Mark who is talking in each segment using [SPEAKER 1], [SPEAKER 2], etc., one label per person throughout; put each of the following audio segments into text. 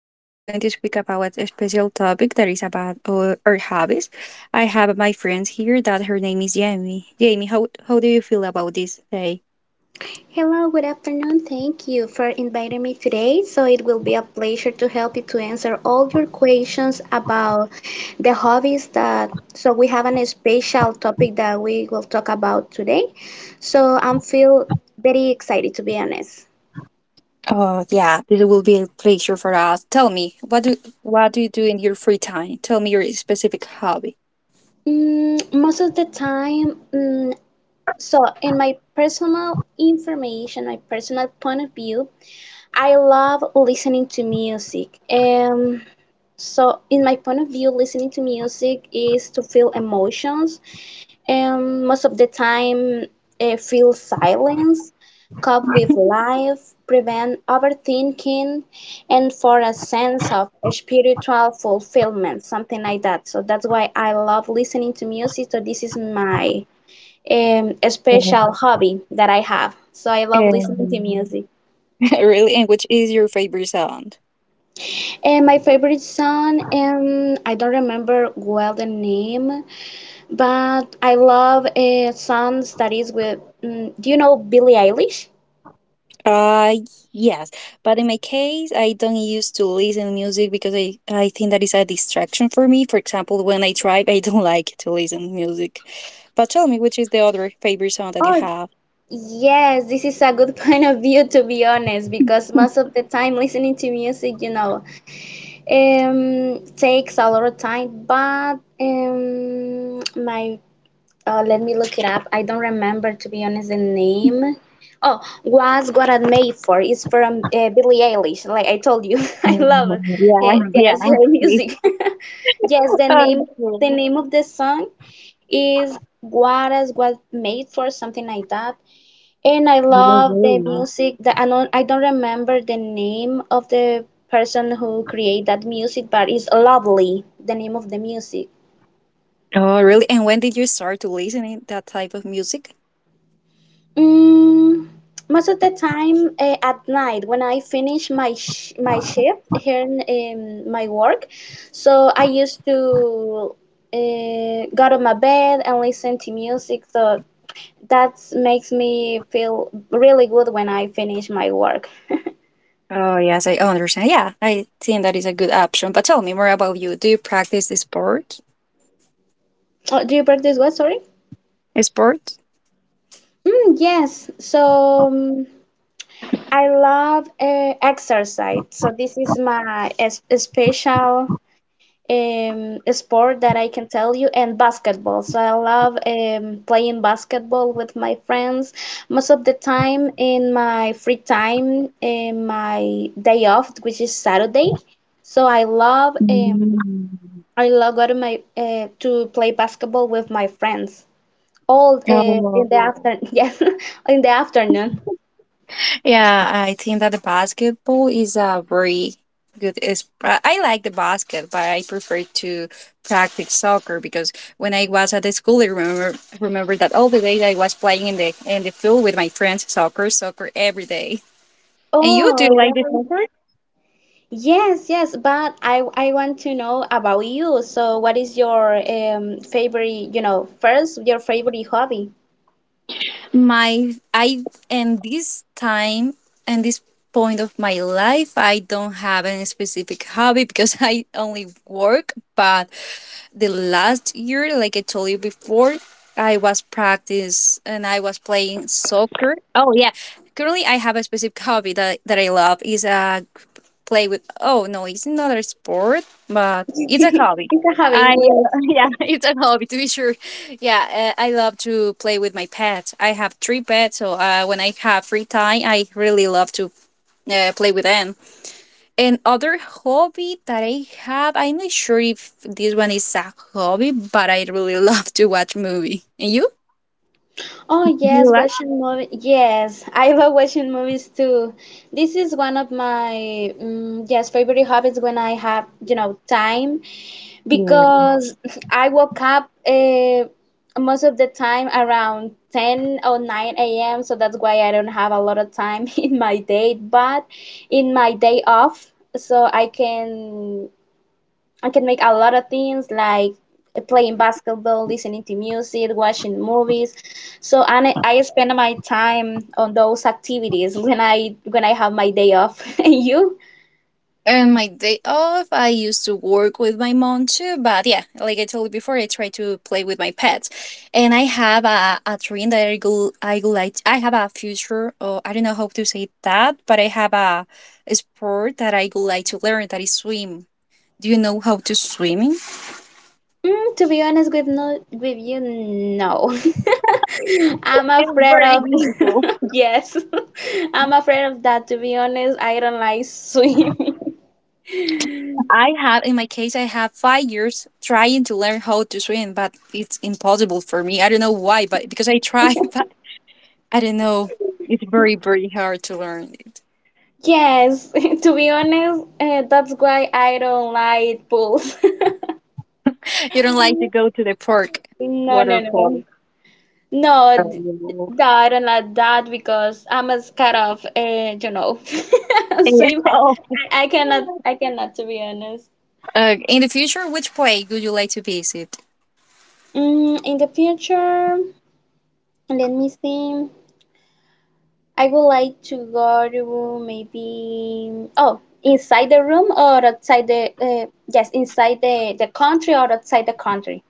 [SPEAKER 1] Today we're going to speak about a special topic that is about our hobbies. I have my friend here that her name is Jamie. Jamie, how do you feel about this day?
[SPEAKER 2] Hello, good afternoon. Thank you for inviting me today. So it will be a pleasure to help you to answer all your questions about the hobbies that so we have a special topic that we will talk about today. So I'm feel very excited to be honest.
[SPEAKER 1] Oh yeah, this will be a pleasure for us. Tell me, what do you do in your free time? Tell me your specific hobby.
[SPEAKER 2] Most of the time, so in my personal information, my personal point of view, I love listening to music. So, in my point of view, listening to music is to feel emotions, and most of the time, feel silence, cope with life, prevent overthinking, and for a sense of spiritual fulfillment, something like that. So that's why I love listening to music. So this is my special
[SPEAKER 1] Um,
[SPEAKER 2] hobby that I have. So I love listening to music.
[SPEAKER 1] Really, and which is your favorite sound?
[SPEAKER 2] And my favorite song, I don't remember well the name, but I love songs that is with, do you know Billie Eilish?
[SPEAKER 1] Uh, yes, but in my case, I don't used to listen music because I think that is a distraction for me. For example, when I drive, I don't like to listen music. But tell me, which is the other favorite song that you
[SPEAKER 2] Oh,
[SPEAKER 1] have?
[SPEAKER 2] yes, this is a good point of view to be honest, because most of the time listening to music, takes a lot of time. But my let me look it up. I don't remember, to be honest, the name. Oh, was what I made for is from Billie Eilish. Like I told you, I
[SPEAKER 1] Mm,
[SPEAKER 2] love
[SPEAKER 1] yeah, yeah,
[SPEAKER 2] yes,
[SPEAKER 1] I
[SPEAKER 2] her
[SPEAKER 1] see.
[SPEAKER 2] music. Yes, the name the name of the song is What Is What Made For, something like that. And I
[SPEAKER 1] Okay. No
[SPEAKER 2] love the
[SPEAKER 1] worries.
[SPEAKER 2] music that I don't remember the name of the person who created that music, but it's lovely. The name of the music.
[SPEAKER 1] Oh, really? And when did you start to listening that type of music?
[SPEAKER 2] Mm, Most of the time at night, when I finish my shift here in my work, so I used to go to my bed and listen to music. So that makes me feel really good when I finish my work.
[SPEAKER 1] Oh, yes, I understand. Yeah, I think that is a good option. But tell me more about you. Do you practice the sport?
[SPEAKER 2] Oh, do you practice what? Sorry.
[SPEAKER 1] A sport?
[SPEAKER 2] Mm, yes. So I love exercise. So this is my special sport that I can tell you, and basketball. So I love playing basketball with my friends. Most of the time, in my free time, in my day off, which is Saturday. So I love,
[SPEAKER 1] Mm.
[SPEAKER 2] I love going to my to play basketball with my friends all in the
[SPEAKER 1] Oh,
[SPEAKER 2] afternoon. Yes, in the afternoon.
[SPEAKER 1] yeah, I think that the basketball is a very good. Is I like the basket, but I prefer to practice soccer because when I was at the school, I remember that all the days I was playing in the field with my friends, soccer, soccer every day. And you, do
[SPEAKER 2] Oh,
[SPEAKER 1] you like the
[SPEAKER 2] really?
[SPEAKER 1] soccer?
[SPEAKER 2] Yes, yes, but I want to know about you. So, what is your favorite, first, your favorite hobby?
[SPEAKER 1] My I and this time and this point of my life, I don't have any specific hobby because I only work, but the last year, like I told you before, I was practice and I was playing soccer. Oh yeah, currently I have a specific hobby that I love is play with. Oh no, it's another sport, but it's a hobby.
[SPEAKER 2] It's a hobby,
[SPEAKER 1] I
[SPEAKER 2] yes.
[SPEAKER 1] yeah, it's a hobby to be sure. Yeah, I love to play with my pets. I have 3 pets, so when I have free time, I really love to play with them. And other hobby that I have, I'm not sure if this one is a hobby, but I really love to watch movie. And you?
[SPEAKER 2] Oh,
[SPEAKER 1] Do
[SPEAKER 2] yes,
[SPEAKER 1] you like?
[SPEAKER 2] watching movie. Yes, I love watching movies too. This is one of my yes, favorite hobbies when I have, time.
[SPEAKER 1] Yeah.
[SPEAKER 2] Because I woke up most of the time around 10 or 9 a.m. So that's why I don't have a lot of time in my day, but in my day off, so I can make a lot of things like playing basketball, listening to music, watching movies. So and I spend my time on those activities when I have my day off. And you?
[SPEAKER 1] And my day off, I used to work with my mom too. But yeah, like I told you before, I try to play with my pets. And I have a dream that I go like, I have a future, or I don't know how to say that, but I have a sport that I would like to learn that is swim. Do you know how to swimming?
[SPEAKER 2] To be honest with you, no. I'm
[SPEAKER 1] It's
[SPEAKER 2] afraid
[SPEAKER 1] very
[SPEAKER 2] of
[SPEAKER 1] difficult.
[SPEAKER 2] yes. I'm afraid of that to be honest. I don't like swimming.
[SPEAKER 1] I have, in my case, I have 5 years trying to learn how to swim, but it's impossible for me. I don't know why, but because I try, but I don't know. It's very, very hard to learn it.
[SPEAKER 2] Yes, to be honest, that's why I don't like pools.
[SPEAKER 1] You don't like to go to the park,
[SPEAKER 2] No, no,
[SPEAKER 1] water park.
[SPEAKER 2] no. No,
[SPEAKER 1] um,
[SPEAKER 2] no, I don't like that because I'm a scared of swim. I,
[SPEAKER 1] oh.
[SPEAKER 2] I cannot I cannot to be honest.
[SPEAKER 1] In the future, which place would you like to visit?
[SPEAKER 2] In the future, let me see. I would like to go to maybe oh inside the room or outside the yes, inside the country or outside the country.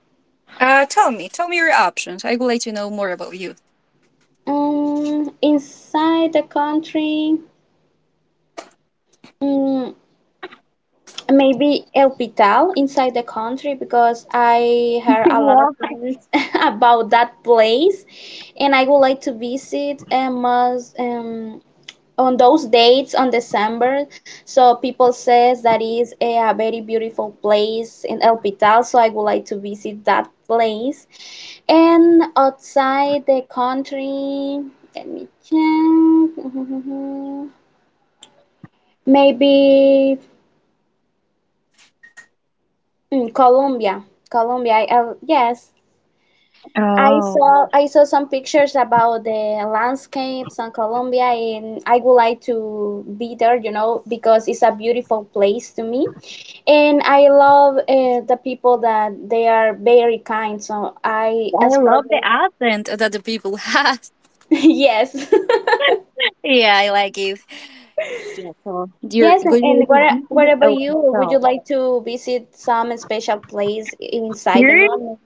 [SPEAKER 1] Tell me your options. I would like to know more about you.
[SPEAKER 2] Inside the country, mm, maybe El Pital inside the country because I heard a lot of things about that place, and I would like to visit, and most on those dates on December. So people says that is a very beautiful place in El Pital. So I would like to visit that place. And outside the country, let me check. Maybe Colombia. Colombia. Yes, I
[SPEAKER 1] Well, oh,
[SPEAKER 2] saw I saw some pictures about the landscapes in Colombia, and I would like to be there, because it's a beautiful place to me, and I love the people that they are very kind. So I
[SPEAKER 1] I
[SPEAKER 2] expect
[SPEAKER 1] love the
[SPEAKER 2] them.
[SPEAKER 1] accent that the people have.
[SPEAKER 2] Yes,
[SPEAKER 1] Yeah, I like it. Yeah, so your
[SPEAKER 2] yes, and
[SPEAKER 1] good way
[SPEAKER 2] and
[SPEAKER 1] to
[SPEAKER 2] what
[SPEAKER 1] be with
[SPEAKER 2] what
[SPEAKER 1] the
[SPEAKER 2] about you?
[SPEAKER 1] open
[SPEAKER 2] Would you
[SPEAKER 1] so
[SPEAKER 2] like to visit some special place inside the
[SPEAKER 1] here
[SPEAKER 2] room?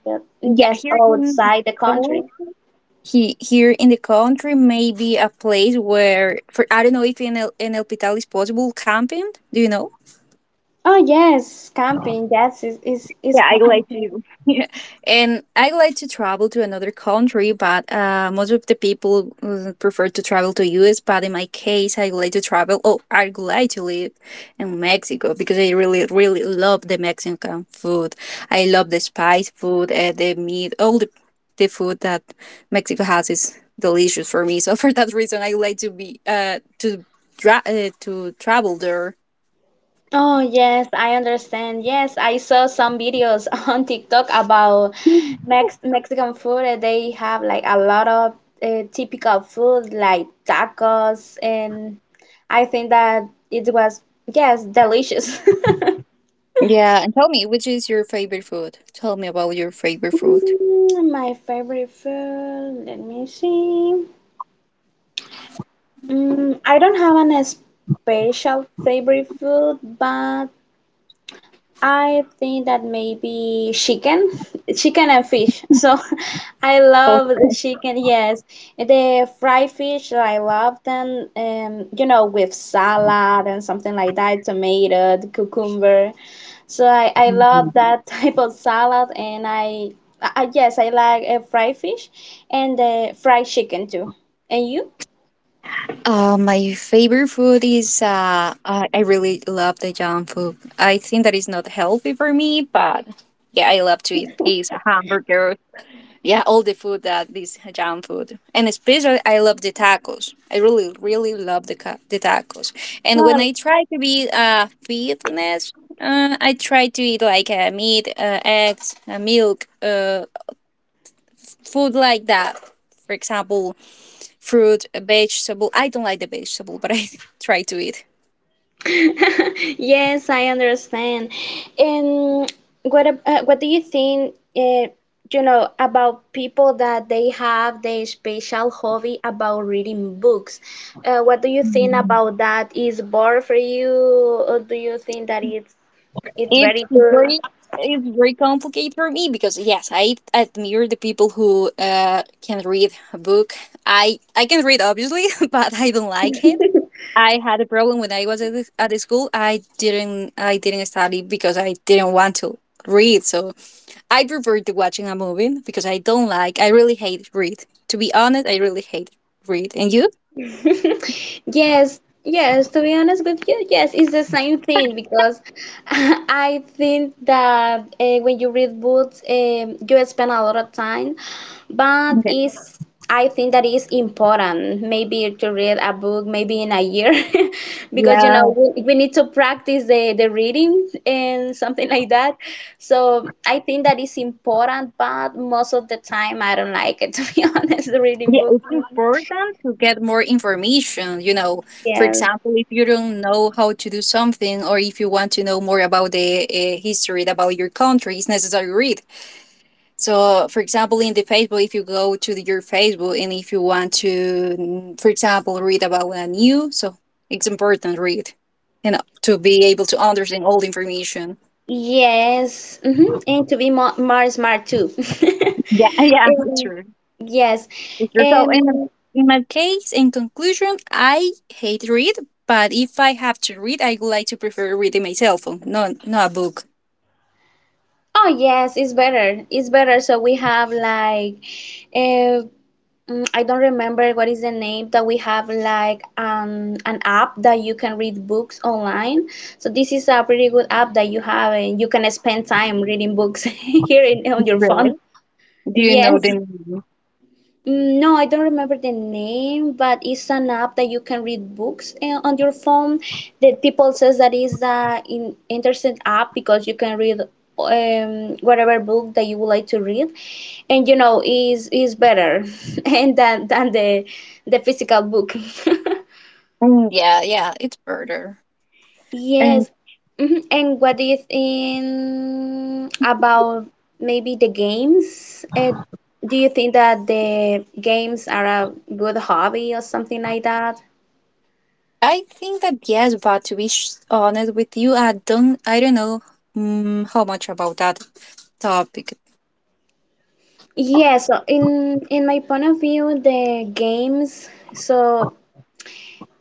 [SPEAKER 1] yeah,
[SPEAKER 2] Yes,
[SPEAKER 1] here in the
[SPEAKER 2] outside the country.
[SPEAKER 1] country he, here in the country may be a place where for I don't know if in El in El Pital is possible camping. Do you know?
[SPEAKER 2] Oh, yes, camping. Yes, is
[SPEAKER 1] Yeah, I
[SPEAKER 2] fun.
[SPEAKER 1] like to. Yeah. And I like to travel to another country, but most of the people prefer to travel to US. But in my case, I like to travel. Oh, I like to live in Mexico because I really, really love the Mexican food. I love the spice food, the meat, all the food that Mexico has is delicious for me. So for that reason, I like to be to to travel there.
[SPEAKER 2] Oh, yes, I understand. Yes, I saw some videos on TikTok about Mexican food. And they have like a lot of typical food like tacos, and I think that it was, yes, delicious.
[SPEAKER 1] Yeah, and tell me, which is your favorite food? Tell me about your favorite food.
[SPEAKER 2] My favorite food, let me see. I don't have an special favorite food, but I think that maybe chicken and fish. So I
[SPEAKER 1] Oh.
[SPEAKER 2] love the chicken, yes. The fried fish, I love them, with salad and something like that, tomato, the cucumber. So I love that type of salad, and I yes, I like fried fish and the fried chicken too. And you?
[SPEAKER 1] My favorite food is I really love the junk food. I think that is not healthy for me, but yeah, I love to eat pizza, hamburger, yeah, all the food that is junk food, and especially I love the tacos. I really, really love the the tacos. And when I try to be fitness, I try to eat like meat, eggs, milk, food like that. For example, fruit, vegetable. I don't like the vegetable, but I try to eat.
[SPEAKER 2] Yes, I understand. And what do you think, about people that they have their special hobby about reading books? What do you think about that? Is bored for you, or do you think that it's
[SPEAKER 1] It's
[SPEAKER 2] very good?
[SPEAKER 1] very it's very complicated for me because yes, I admire the people who can read a book. I can read obviously, but I don't like it. I had a problem when I was at the school. I didn't study because I didn't want to read. So I prefer to watching a movie because I don't like, I really hate read. To be honest, I really hate read. And you?
[SPEAKER 2] Yes, yes, to be honest with you, yes, it's the same thing because I think that when you read books, you spend a lot of time, but
[SPEAKER 1] Okay.
[SPEAKER 2] it's I think that is important maybe to read a book maybe in a year because
[SPEAKER 1] Yeah.
[SPEAKER 2] we need to practice the reading and something like that. So I think that is important, but most of the time I don't like it to be honest, reading
[SPEAKER 1] Yeah,
[SPEAKER 2] books.
[SPEAKER 1] it's important to get more information, you know, for
[SPEAKER 2] Yes.
[SPEAKER 1] example, if you don't know how to do something or if you want to know more about the history about your country, it's necessary to read. So, for example, in the Facebook, if you go to the, your Facebook and if you want to, mm, for example, read about a new, so it's important to read, you know, to be able to understand all the information.
[SPEAKER 2] Yes, and to be more smart too.
[SPEAKER 1] Yeah, yeah, it's
[SPEAKER 2] Um,
[SPEAKER 1] true.
[SPEAKER 2] yes.
[SPEAKER 1] It's true. So
[SPEAKER 2] Um,
[SPEAKER 1] in my case, in conclusion, I hate read, but if I have to read, I would like to prefer reading my cell phone, not a book.
[SPEAKER 2] oh, yes, it's better. It's better. So we have like, uh, I don't remember what is the name that we have like an app that you can read books online. So this is a pretty good app that you have, and you can spend time reading books here on your phone.
[SPEAKER 1] Really? Do you know the
[SPEAKER 2] Yes.
[SPEAKER 1] name?
[SPEAKER 2] Mm, no, I don't remember the name, but it's an app that you can read books on your phone. That people says that is the in interesting app because you can read whatever book that you would like to read, and is better and than the physical book.
[SPEAKER 1] Mm, yeah, yeah, it's better.
[SPEAKER 2] Yes.
[SPEAKER 1] And
[SPEAKER 2] Mhm. And what do you think about maybe the games? Do you think that the games are a good hobby or something like that?
[SPEAKER 1] I think that yes, but to be honest with you, I don't know mm, how much about that topic.
[SPEAKER 2] Yes, so in my point of view, the games, so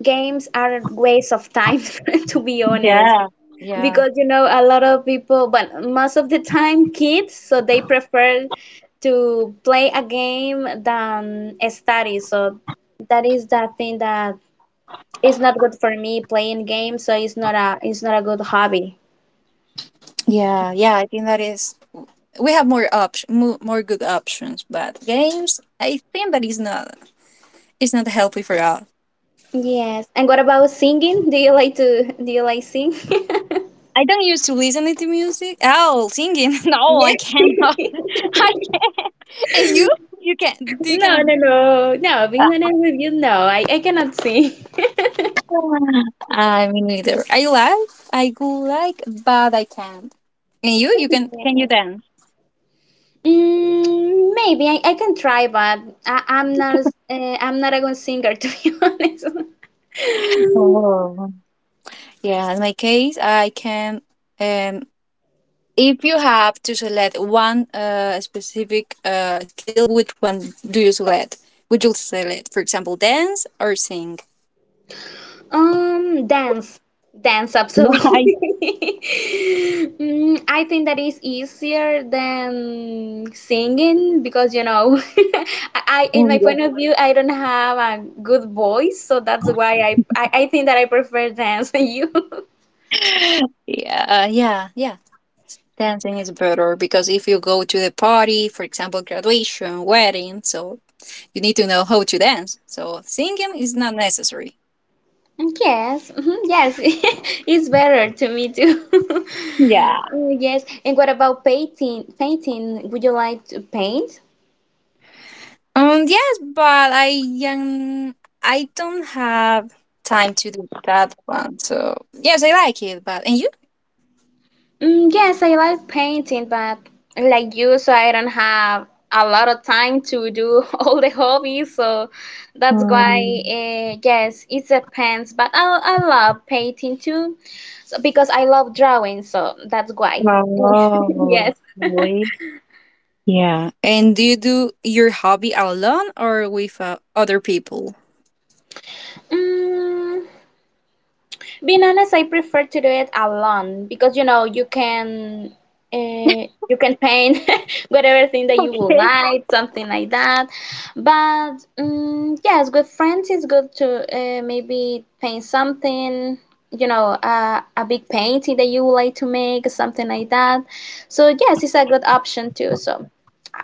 [SPEAKER 2] games are waste of time to be honest,
[SPEAKER 1] Yeah, yeah,
[SPEAKER 2] because a lot of people, but most of the time kids, so they prefer to play a game than study. So that is the thing that is not good for me, playing games. So it's not a good hobby.
[SPEAKER 1] yeah, yeah. I think that is we have more options, more good options, but games, I think that is not it's not healthy for us.
[SPEAKER 2] Yes. And what about singing? Do you like sing?
[SPEAKER 1] I don't used to listening to music. Oh, singing. No, I cannot. I can't. And you? You can. You
[SPEAKER 2] No,
[SPEAKER 1] can.
[SPEAKER 2] no, no, no, being
[SPEAKER 1] Ah,
[SPEAKER 2] honest with you, no, I cannot sing.
[SPEAKER 1] I mean, neither. I like. I go like, but I can't. And you? You can. Can you
[SPEAKER 2] Yes.
[SPEAKER 1] dance?
[SPEAKER 2] Maybe I can try, but I, I'm not I'm not a good singer to be honest.
[SPEAKER 1] Oh. Yeah. In my case, I can. Um. If you have to select one specific skill, which one do you select? Would you select, for example, dance or sing?
[SPEAKER 2] Um, dance, dance,
[SPEAKER 1] Why?
[SPEAKER 2] absolutely. I think that is easier than singing because I in my point of view, I don't have a good voice, so that's why I think that I prefer dance than you.
[SPEAKER 1] Yeah, yeah, yeah. Dancing is better because if you go to the party, for example, graduation, wedding, so you need to know how to dance. So singing is not necessary.
[SPEAKER 2] Yes, mhm, yes, it's better to me too.
[SPEAKER 1] Yeah.
[SPEAKER 2] Mm, yes, and what about painting? Painting, would you like to paint?
[SPEAKER 1] Yes, but um, I don't have time to do that one. So yes, I like it. But and you?
[SPEAKER 2] Mm, yes, I like painting, but like you, so I don't have a lot of time to do all the hobbies, so that's why,
[SPEAKER 1] Mm.
[SPEAKER 2] yes, it depends. But I love painting too, so because I love drawing, so that's why.
[SPEAKER 1] Oh,
[SPEAKER 2] Yes.
[SPEAKER 1] really? Yeah. And do you do your hobby alone or with other people?
[SPEAKER 2] Mm, Being honest, I prefer to do it alone because uh, you can paint whatever thing that you would
[SPEAKER 1] Okay.
[SPEAKER 2] like, something like that. But yes, with friends it's good to maybe paint something. A big painting that you would like to make, something like that. So yes, it's a good option too. So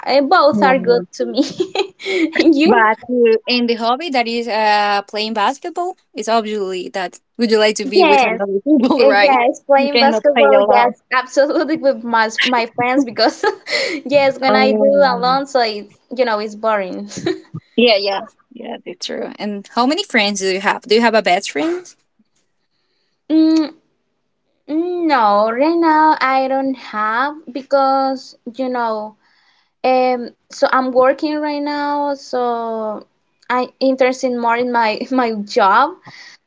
[SPEAKER 2] both are good to me. And you?
[SPEAKER 1] But in the hobby that is playing basketball, it's obviously that would you like to be with
[SPEAKER 2] Yes,
[SPEAKER 1] another people, right?
[SPEAKER 2] yes,
[SPEAKER 1] You
[SPEAKER 2] playing
[SPEAKER 1] cannot play
[SPEAKER 2] basketball.
[SPEAKER 1] alone.
[SPEAKER 2] Yes, absolutely with my friends because yes, when I do
[SPEAKER 1] Oh.
[SPEAKER 2] alone, so it's you know it's boring.
[SPEAKER 1] Yeah, yeah, yeah, that's true. And how many friends do you have? Do you have a best friend?
[SPEAKER 2] Mm, no, right now I don't have because. So I'm working right now, so I'm interested more in my my job.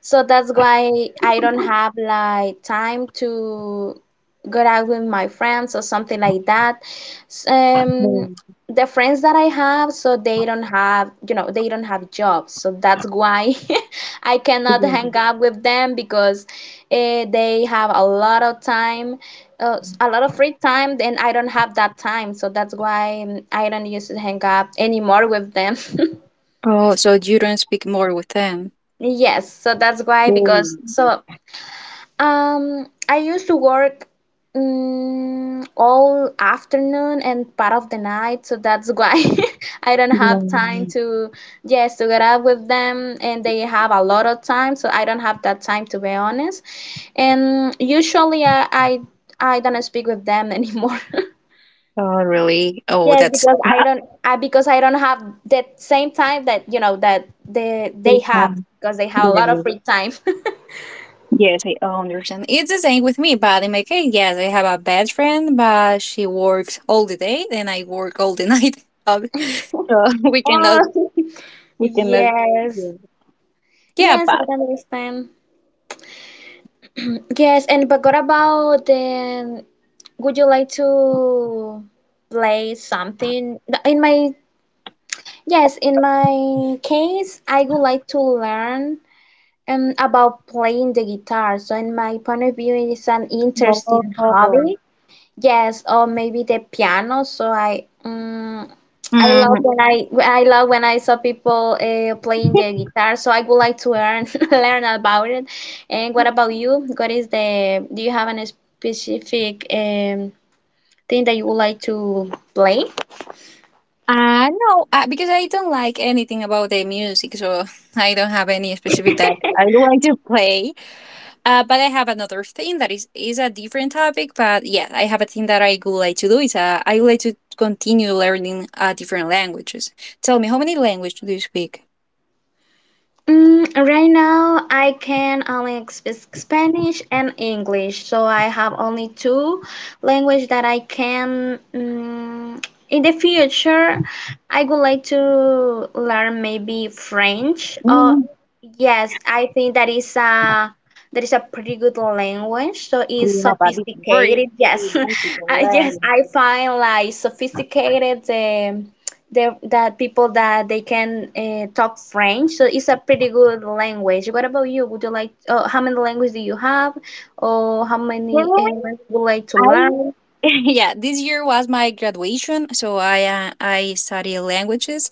[SPEAKER 2] So that's why I don't have like time to go out with my friends or something like that. S- Um,
[SPEAKER 1] Mm,
[SPEAKER 2] the friends that I have, so they don't have jobs. So that's why I cannot
[SPEAKER 1] yeah.
[SPEAKER 2] hang out with them because they have a lot of time, a lot of free time, and I don't have that time, so that's why I don't used to hang up anymore with them
[SPEAKER 1] Oh, so you don't speak more with them?
[SPEAKER 2] yes, so that's why, because
[SPEAKER 1] Mm,
[SPEAKER 2] so I used to work, mm all afternoon and part of the night, so that's why I don't have
[SPEAKER 1] yeah.
[SPEAKER 2] time to, yes, to get up with them, and they have a lot of time, so I don't have that time, to be honest. And usually I don't speak with them anymore
[SPEAKER 1] Oh, really? Oh,
[SPEAKER 2] Yes,
[SPEAKER 1] that's.
[SPEAKER 2] because I don't, I because I don't have that same time that, you know, that they have, because they have a lot of
[SPEAKER 1] Yeah.
[SPEAKER 2] free time.
[SPEAKER 1] Yes, I understand. It's the same with me, but in my case, yes, I have a best friend, but she works all the day and I work all the night. So we cannot,
[SPEAKER 2] Oh,
[SPEAKER 1] we cannot. Yeah,
[SPEAKER 2] yes,
[SPEAKER 1] yeah
[SPEAKER 2] yes,
[SPEAKER 1] but.
[SPEAKER 2] I understand. Yes, and but what about then? Would you like to play something? In my Yes, in my case, I would like to learn about playing the guitar. So in my point of view, it is an interesting
[SPEAKER 1] Oh.
[SPEAKER 2] hobby. Yes, or maybe the piano. So I, um, I love
[SPEAKER 1] Mm,
[SPEAKER 2] when I I love when I saw people playing the guitar. So I would like to learn learn about it. And what about you? What is the? Do you have any specific thing that you would like to play?
[SPEAKER 1] no, because I don't like anything about the music, so I don't have any specific that I like to play. But I have another thing that is a different topic. But yeah, I have a thing that I would like to do. Is I would like to continue learning different languages. Tell me, how many languages do you speak?
[SPEAKER 2] Right now, I can only speak Spanish and English, so I have only two language that I can. In the future, I would like to learn maybe French. Or
[SPEAKER 1] Mm,
[SPEAKER 2] yes, I think that is a pretty good language. So it's
[SPEAKER 1] we have a very,
[SPEAKER 2] sophisticated. Yes,
[SPEAKER 1] very multiple
[SPEAKER 2] I yes,
[SPEAKER 1] language.
[SPEAKER 2] I find like sophisticated. There that people that they can talk French, so it's a pretty good language. What about you? Would you like? How many languages do you have, or how many
[SPEAKER 1] Really?
[SPEAKER 2] languages would you like to
[SPEAKER 1] I
[SPEAKER 2] learn?
[SPEAKER 1] yeah, this year was my graduation, so I study languages.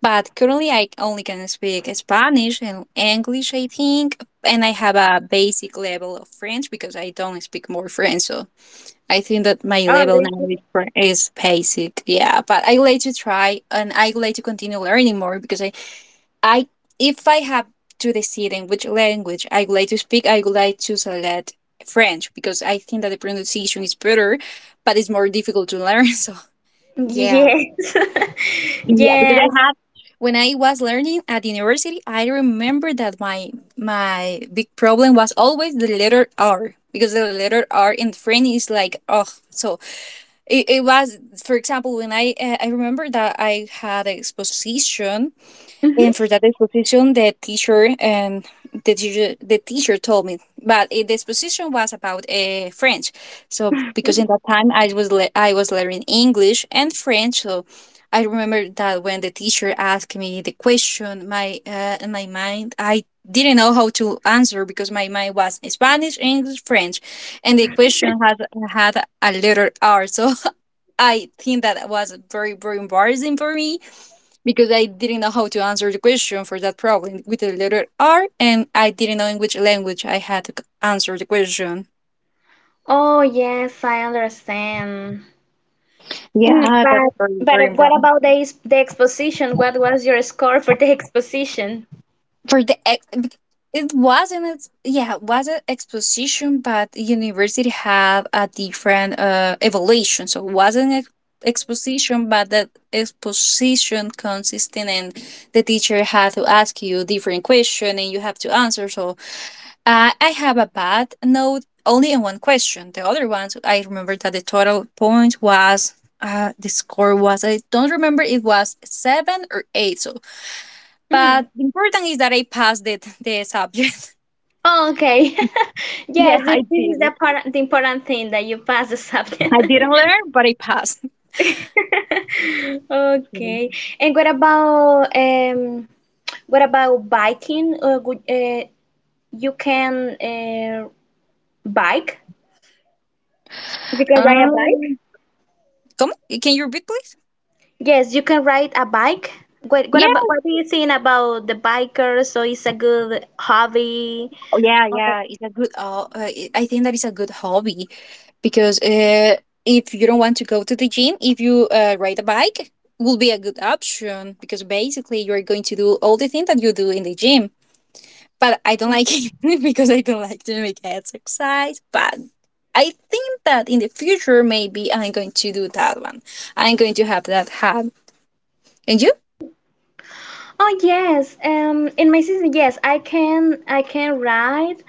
[SPEAKER 1] But currently, I only can speak Spanish and English, I think, and I have a basic level of French because I don't speak more French. So I think that my
[SPEAKER 2] Oh,
[SPEAKER 1] level now
[SPEAKER 2] really?
[SPEAKER 1] is is basic. Yeah, but I would like to try and I would like to continue learning more because I if I have to decide in which language I would like to speak, I would like to select French because I think that the pronunciation is better, but it's more difficult to learn. So yeah,
[SPEAKER 2] Yes,
[SPEAKER 1] yeah, because I
[SPEAKER 2] yes.
[SPEAKER 1] have. When I was learning at university, I remember that my big problem was always the letter R because the letter R in French is like oh so it was, for example, when I remember that I had an exposition, and for that exposition, the teacher told me, but the exposition was about French. So because in that time I was I was learning English and French, so I remember that when the teacher asked me the question, my in my mind I didn't know how to answer because my mind was Spanish, English, French, and the question had had a letter R. So I think that was very, very embarrassing for me because I didn't know how to answer the question for that problem with the letter R, and I didn't know in which language I had to answer the question.
[SPEAKER 2] Oh, yes, I understand. Mm,
[SPEAKER 1] Yeah, that's
[SPEAKER 2] but
[SPEAKER 1] very, very
[SPEAKER 2] but what
[SPEAKER 1] important.
[SPEAKER 2] about the exposition? What was your score for the exposition?
[SPEAKER 1] For the ex- it wasn't it's yeah it was an exposition but university have a different evaluation so it wasn't an exposition but that exposition consisting in the teacher had to ask you different question and you have to answer so I have a bad note only in one question. The other ones, I remember that the total point was, the score was, I don't remember, it was seven or eight. So,
[SPEAKER 2] Mm.
[SPEAKER 1] but the important is that I passed it the subject.
[SPEAKER 2] Oh, okay.
[SPEAKER 1] Yeah,
[SPEAKER 2] Yes, thi-
[SPEAKER 1] I
[SPEAKER 2] this
[SPEAKER 1] did
[SPEAKER 2] is
[SPEAKER 1] it.
[SPEAKER 2] the part, the important thing that you pass the subject.
[SPEAKER 1] I didn't learn, but I passed. Mm.
[SPEAKER 2] Okay. And what about biking? You can bike? You can ride a bike?
[SPEAKER 1] Um, come, can you repeat, please?
[SPEAKER 2] Yes, you can ride a bike.
[SPEAKER 1] Yeah,
[SPEAKER 2] What do you think about the bikers? So it's a good hobby.
[SPEAKER 1] oh, yeah, yeah. It's a good. I think that is a good hobby, because if you don't want to go to the gym, if you ride a bike, will be a good option because basically you're going to do all the things that you do in the gym. But I don't like it because I don't like to make exercise. But I think that in the future maybe I'm going to do that one. I'm going to have that habit. And you?
[SPEAKER 2] Oh yes, in my season, yes, I can write,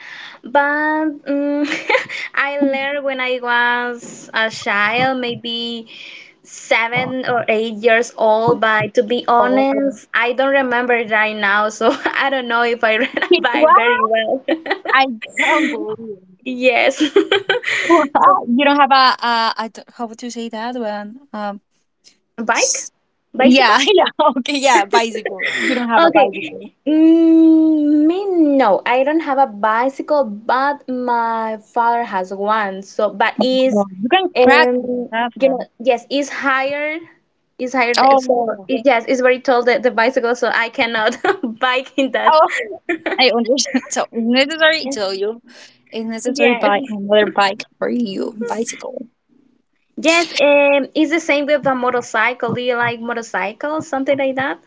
[SPEAKER 2] but um, I learned when I was a child, maybe 7 or 8 years old. But to be
[SPEAKER 1] Oh,
[SPEAKER 2] honest, I don't remember it right now, so I don't know if I ride a
[SPEAKER 1] wow!
[SPEAKER 2] bike very well.
[SPEAKER 1] I don't believe it.
[SPEAKER 2] Yes, so,
[SPEAKER 1] You don't have a, I don't, how to say that one?
[SPEAKER 2] bike,
[SPEAKER 1] S- Yeah,
[SPEAKER 2] bicycle.
[SPEAKER 1] yeah, okay, yeah, bicycle. If you don't have a
[SPEAKER 2] Okay.
[SPEAKER 1] bicycle.
[SPEAKER 2] Me no, I don't have a bicycle, but my father has one. So, but
[SPEAKER 1] No,
[SPEAKER 2] is,
[SPEAKER 1] you can practice and
[SPEAKER 2] um
[SPEAKER 1] have
[SPEAKER 2] you know,
[SPEAKER 1] one.
[SPEAKER 2] yes, is higher.
[SPEAKER 1] Oh,
[SPEAKER 2] Yes, it's very tall, the bicycle, so I cannot bike in that.
[SPEAKER 1] oh, I understand. So it's necessary, so you, it's necessary
[SPEAKER 2] Yes.
[SPEAKER 1] buy another bike for you, bicycle.
[SPEAKER 2] Yes, it's the same with the motorcycle. Do you like motorcycles, something like that?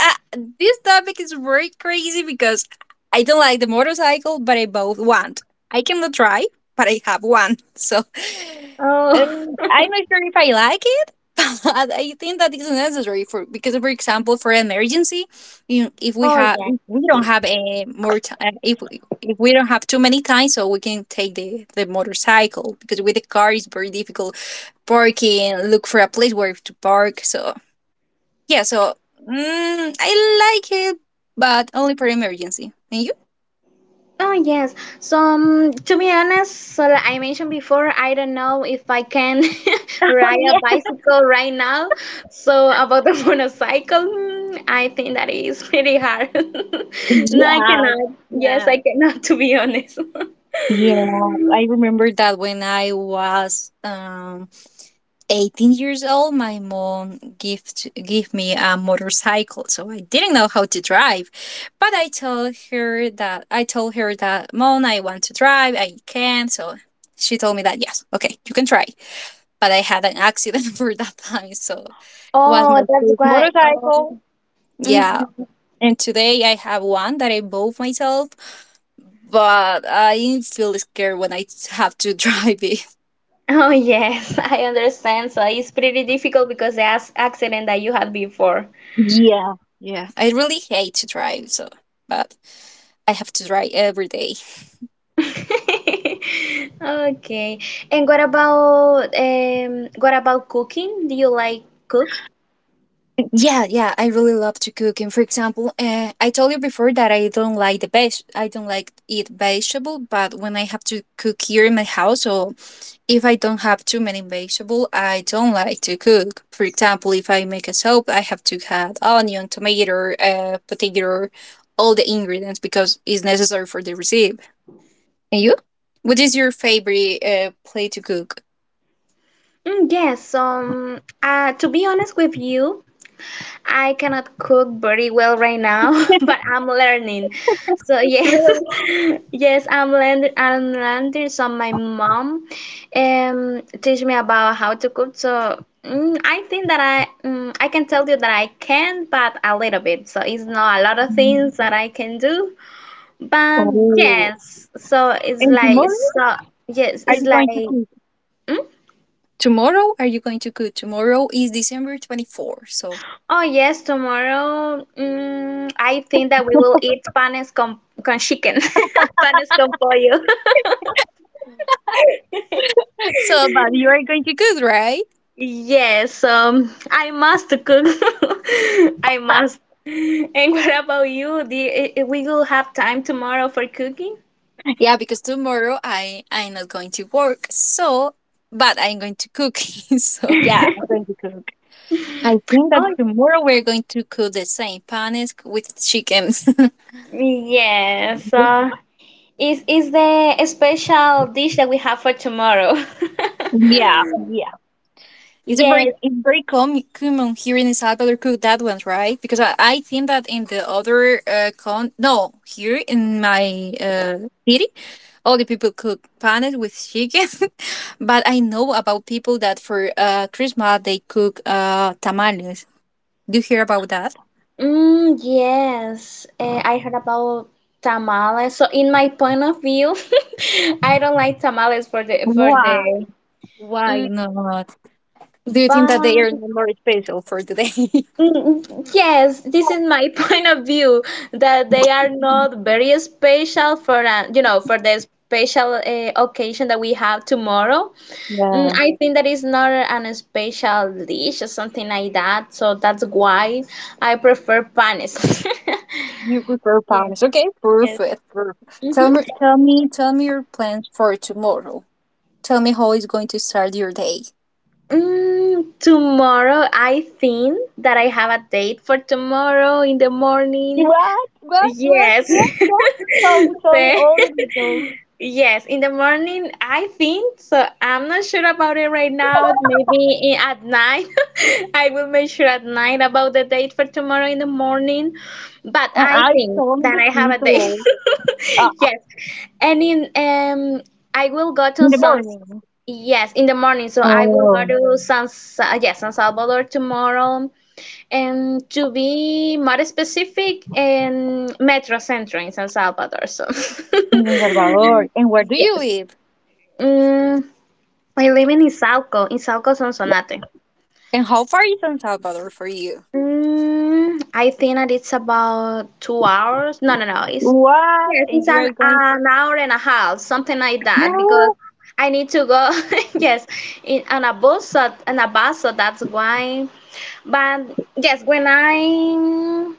[SPEAKER 1] Uh, this topic is very crazy because I don't like the motorcycle, but I both want. I cannot try, but I have one. So
[SPEAKER 2] Oh,
[SPEAKER 1] I'm not sure if I like it, but I think that is necessary for because, for example, for emergency, you,
[SPEAKER 2] oh yeah.
[SPEAKER 1] if we don't have a more time, if we don't have too many times, so we can take the motorcycle because with the car it's very difficult parking, look for a place where to park. So yeah, so I like it, but only for emergency. And you?
[SPEAKER 2] Oh yes. So to be honest, I mentioned before, I don't know if I can
[SPEAKER 1] Oh
[SPEAKER 2] ride a
[SPEAKER 1] yeah,
[SPEAKER 2] bicycle right now. So about the motorcycle, I think that is pretty hard. No, I
[SPEAKER 1] yeah,
[SPEAKER 2] cannot. Yes,
[SPEAKER 1] yeah,
[SPEAKER 2] I cannot. To be honest.
[SPEAKER 1] yeah, I remember that when I was 18 years old, my mom gift gave me a motorcycle, so I didn't know how to drive. But I told her that mom, I want to drive, I can. So she told me that yes, okay, you can try, but I had an accident for that time, so was
[SPEAKER 2] Oh,
[SPEAKER 1] my
[SPEAKER 2] that's
[SPEAKER 1] first
[SPEAKER 2] great.
[SPEAKER 1] motorcycle.
[SPEAKER 2] Oh.
[SPEAKER 1] Yeah,
[SPEAKER 2] Mhm.
[SPEAKER 1] and today I have one that I bought myself, but I feel scared when I have to drive it.
[SPEAKER 2] Oh yes, I understand. So it's pretty difficult because the accident that you had before.
[SPEAKER 1] Yeah, yeah, I really hate to drive, so but I have to try every day.
[SPEAKER 2] Okay. And what about cooking? Do you like cook?
[SPEAKER 1] Yeah, yeah, I really love to cook. And for example, I told you before that I don't like the veg. I don't like eat vegetable, but when I have to cook here in my house or if I don't have too many vegetables, I don't like to cook. For example, if I make a soup, I have to add onion, tomato, potato, all the ingredients because it's necessary for the recipe. And you? What is your favorite plate to cook?
[SPEAKER 2] Mm, yes. To be honest with you, I cannot cook very well right now,
[SPEAKER 1] Yes,
[SPEAKER 2] but I'm learning. So yes,
[SPEAKER 1] true.
[SPEAKER 2] yes, I'm learning. I'm learning. So my mom, teach me about how to cook. So. I think that I can tell you that I can, but a little bit. So it's not a lot of things that I can do. But
[SPEAKER 1] Oh.
[SPEAKER 2] yes, so it's
[SPEAKER 1] And
[SPEAKER 2] like,
[SPEAKER 1] tomorrow,
[SPEAKER 2] so yes,
[SPEAKER 1] are
[SPEAKER 2] it's
[SPEAKER 1] you going to
[SPEAKER 2] like
[SPEAKER 1] cook?
[SPEAKER 2] mm?
[SPEAKER 1] Tomorrow, are you going to cook? Tomorrow is December 24, so.
[SPEAKER 2] Oh yes, tomorrow I think that we will eat panes con chicken, panes con pollo.
[SPEAKER 1] So, but you are going to cook, right?
[SPEAKER 2] Yes, I must cook. I must. And what about you? Do you, I- We will have time tomorrow for cooking?
[SPEAKER 1] Yeah, because tomorrow I'm not going to work, so but I'm going to cook. So yeah, I'm going to cook. I think that
[SPEAKER 2] Oh
[SPEAKER 1] tomorrow we're going to cook the same panes with chicken.
[SPEAKER 2] yes, is the special dish that we have for tomorrow?
[SPEAKER 1] Yeah, yeah. It's a very
[SPEAKER 2] Yes.
[SPEAKER 1] common here in El Salvador cook that one, right? Because I think that in the other con no here in my city all the people cook panes with chicken but I know about people that for Christmas they cook tamales. Do you hear about that?
[SPEAKER 2] Yes, I heard about tamales. So, in my point of view, I don't like tamales for the for
[SPEAKER 1] Why?
[SPEAKER 2] the.
[SPEAKER 1] Why
[SPEAKER 2] Mm,
[SPEAKER 1] not? Do you think that they
[SPEAKER 2] but
[SPEAKER 1] are not more special for today?
[SPEAKER 2] mm, yes, this is my point of view that they are not very special for, you know, for the special occasion that we have tomorrow.
[SPEAKER 1] Yeah,
[SPEAKER 2] I think that is not an special dish or something like that. So that's why I prefer panes.
[SPEAKER 1] you prefer
[SPEAKER 2] Yes,
[SPEAKER 1] panes. Okay,
[SPEAKER 2] yes.
[SPEAKER 1] perfect, perfect.
[SPEAKER 2] Mhm.
[SPEAKER 1] Tell me your plans for tomorrow. Tell me how is going to start your day.
[SPEAKER 2] Tomorrow, I think that I have a date for tomorrow in the morning. Yes.
[SPEAKER 1] What? tell me tell me
[SPEAKER 2] Thanks.
[SPEAKER 1] all the details
[SPEAKER 2] Yes, in the morning, I think. So I'm not sure about it right now. Maybe at night. I will make sure at night about the date for tomorrow in the morning. But
[SPEAKER 1] and
[SPEAKER 2] I
[SPEAKER 1] I
[SPEAKER 2] think
[SPEAKER 1] told
[SPEAKER 2] that
[SPEAKER 1] the
[SPEAKER 2] I have a date.
[SPEAKER 1] details. Uh,
[SPEAKER 2] Yes. And in I will go to
[SPEAKER 1] In the
[SPEAKER 2] San
[SPEAKER 1] morning.
[SPEAKER 2] yes, in the morning. So I will go
[SPEAKER 1] Oh,
[SPEAKER 2] to yes, San Salvador tomorrow. And to be more specific, in Metro Centro in San Salvador. So,
[SPEAKER 1] in San Salvador. And where do you
[SPEAKER 2] yes.
[SPEAKER 1] live?
[SPEAKER 2] Mm, I live in Izalco, Izalco Sonsonate.
[SPEAKER 1] And how far is San Salvador for you?
[SPEAKER 2] I think that it's about 2 hours. No, no, no. It's
[SPEAKER 1] What?
[SPEAKER 2] Yes,
[SPEAKER 1] And
[SPEAKER 2] it's
[SPEAKER 1] you
[SPEAKER 2] an
[SPEAKER 1] are going?
[SPEAKER 2] an hour and a half, something like that, because
[SPEAKER 1] No.
[SPEAKER 2] I need to go. Yes, in on a bus, so, on a bus, so that's why. But yes, when I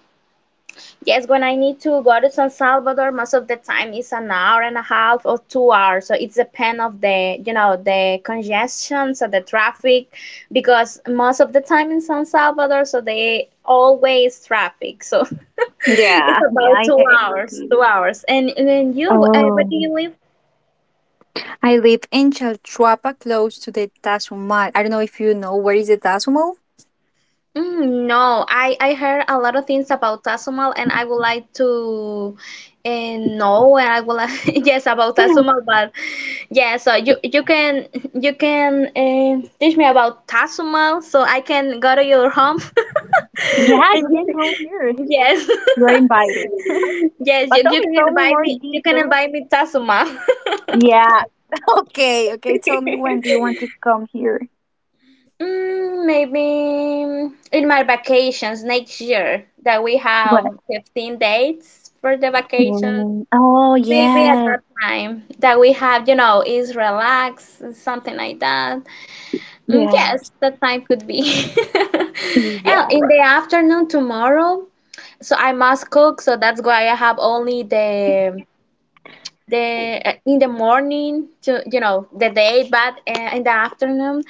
[SPEAKER 2] yes, when I need to go to San Salvador, most of the time it's an hour and a half or 2 hours. So it's depend of the, you know, the congestion, so the traffic, because most of the time in San Salvador, so they always traffic. So it's
[SPEAKER 1] Yeah, yeah,
[SPEAKER 2] about
[SPEAKER 1] I
[SPEAKER 2] two
[SPEAKER 1] hate
[SPEAKER 2] hours, two
[SPEAKER 1] it.
[SPEAKER 2] hours. And then you, where
[SPEAKER 1] Oh.
[SPEAKER 2] do you live?
[SPEAKER 1] I live in Chalchuapa, close to the Tazumal. I don't know if you know where is the Tazumal.
[SPEAKER 2] No, I heard a lot of things about Tazumal, and I would like to uh, know, and I would like yes about Tazumal. But yeah, so you can you can teach me about Tazumal so I can go to your home
[SPEAKER 1] Yeah,
[SPEAKER 2] and
[SPEAKER 1] you can come
[SPEAKER 2] you-
[SPEAKER 1] here.
[SPEAKER 2] yes,
[SPEAKER 1] You're invited.
[SPEAKER 2] yes,
[SPEAKER 1] But
[SPEAKER 2] you
[SPEAKER 1] Toby,
[SPEAKER 2] can
[SPEAKER 1] tell me
[SPEAKER 2] invite
[SPEAKER 1] more
[SPEAKER 2] me, you can
[SPEAKER 1] details.
[SPEAKER 2] invite me Tazumal
[SPEAKER 1] Yeah. Okay, okay. Tell me when do you want to come here?
[SPEAKER 2] Maybe in my vacations next year that we
[SPEAKER 1] What?
[SPEAKER 2] have 15 dates for the vacations.
[SPEAKER 1] Mm, oh,
[SPEAKER 2] Maybe at
[SPEAKER 1] yes.
[SPEAKER 2] that time that we have, you know, is relax, something like that.
[SPEAKER 1] Yeah.
[SPEAKER 2] Yes, that time could be.
[SPEAKER 1] Yeah.
[SPEAKER 2] And in the afternoon tomorrow, so I must cook, so that's why I have only the in the morning to, you know, the day, but in the afternoon,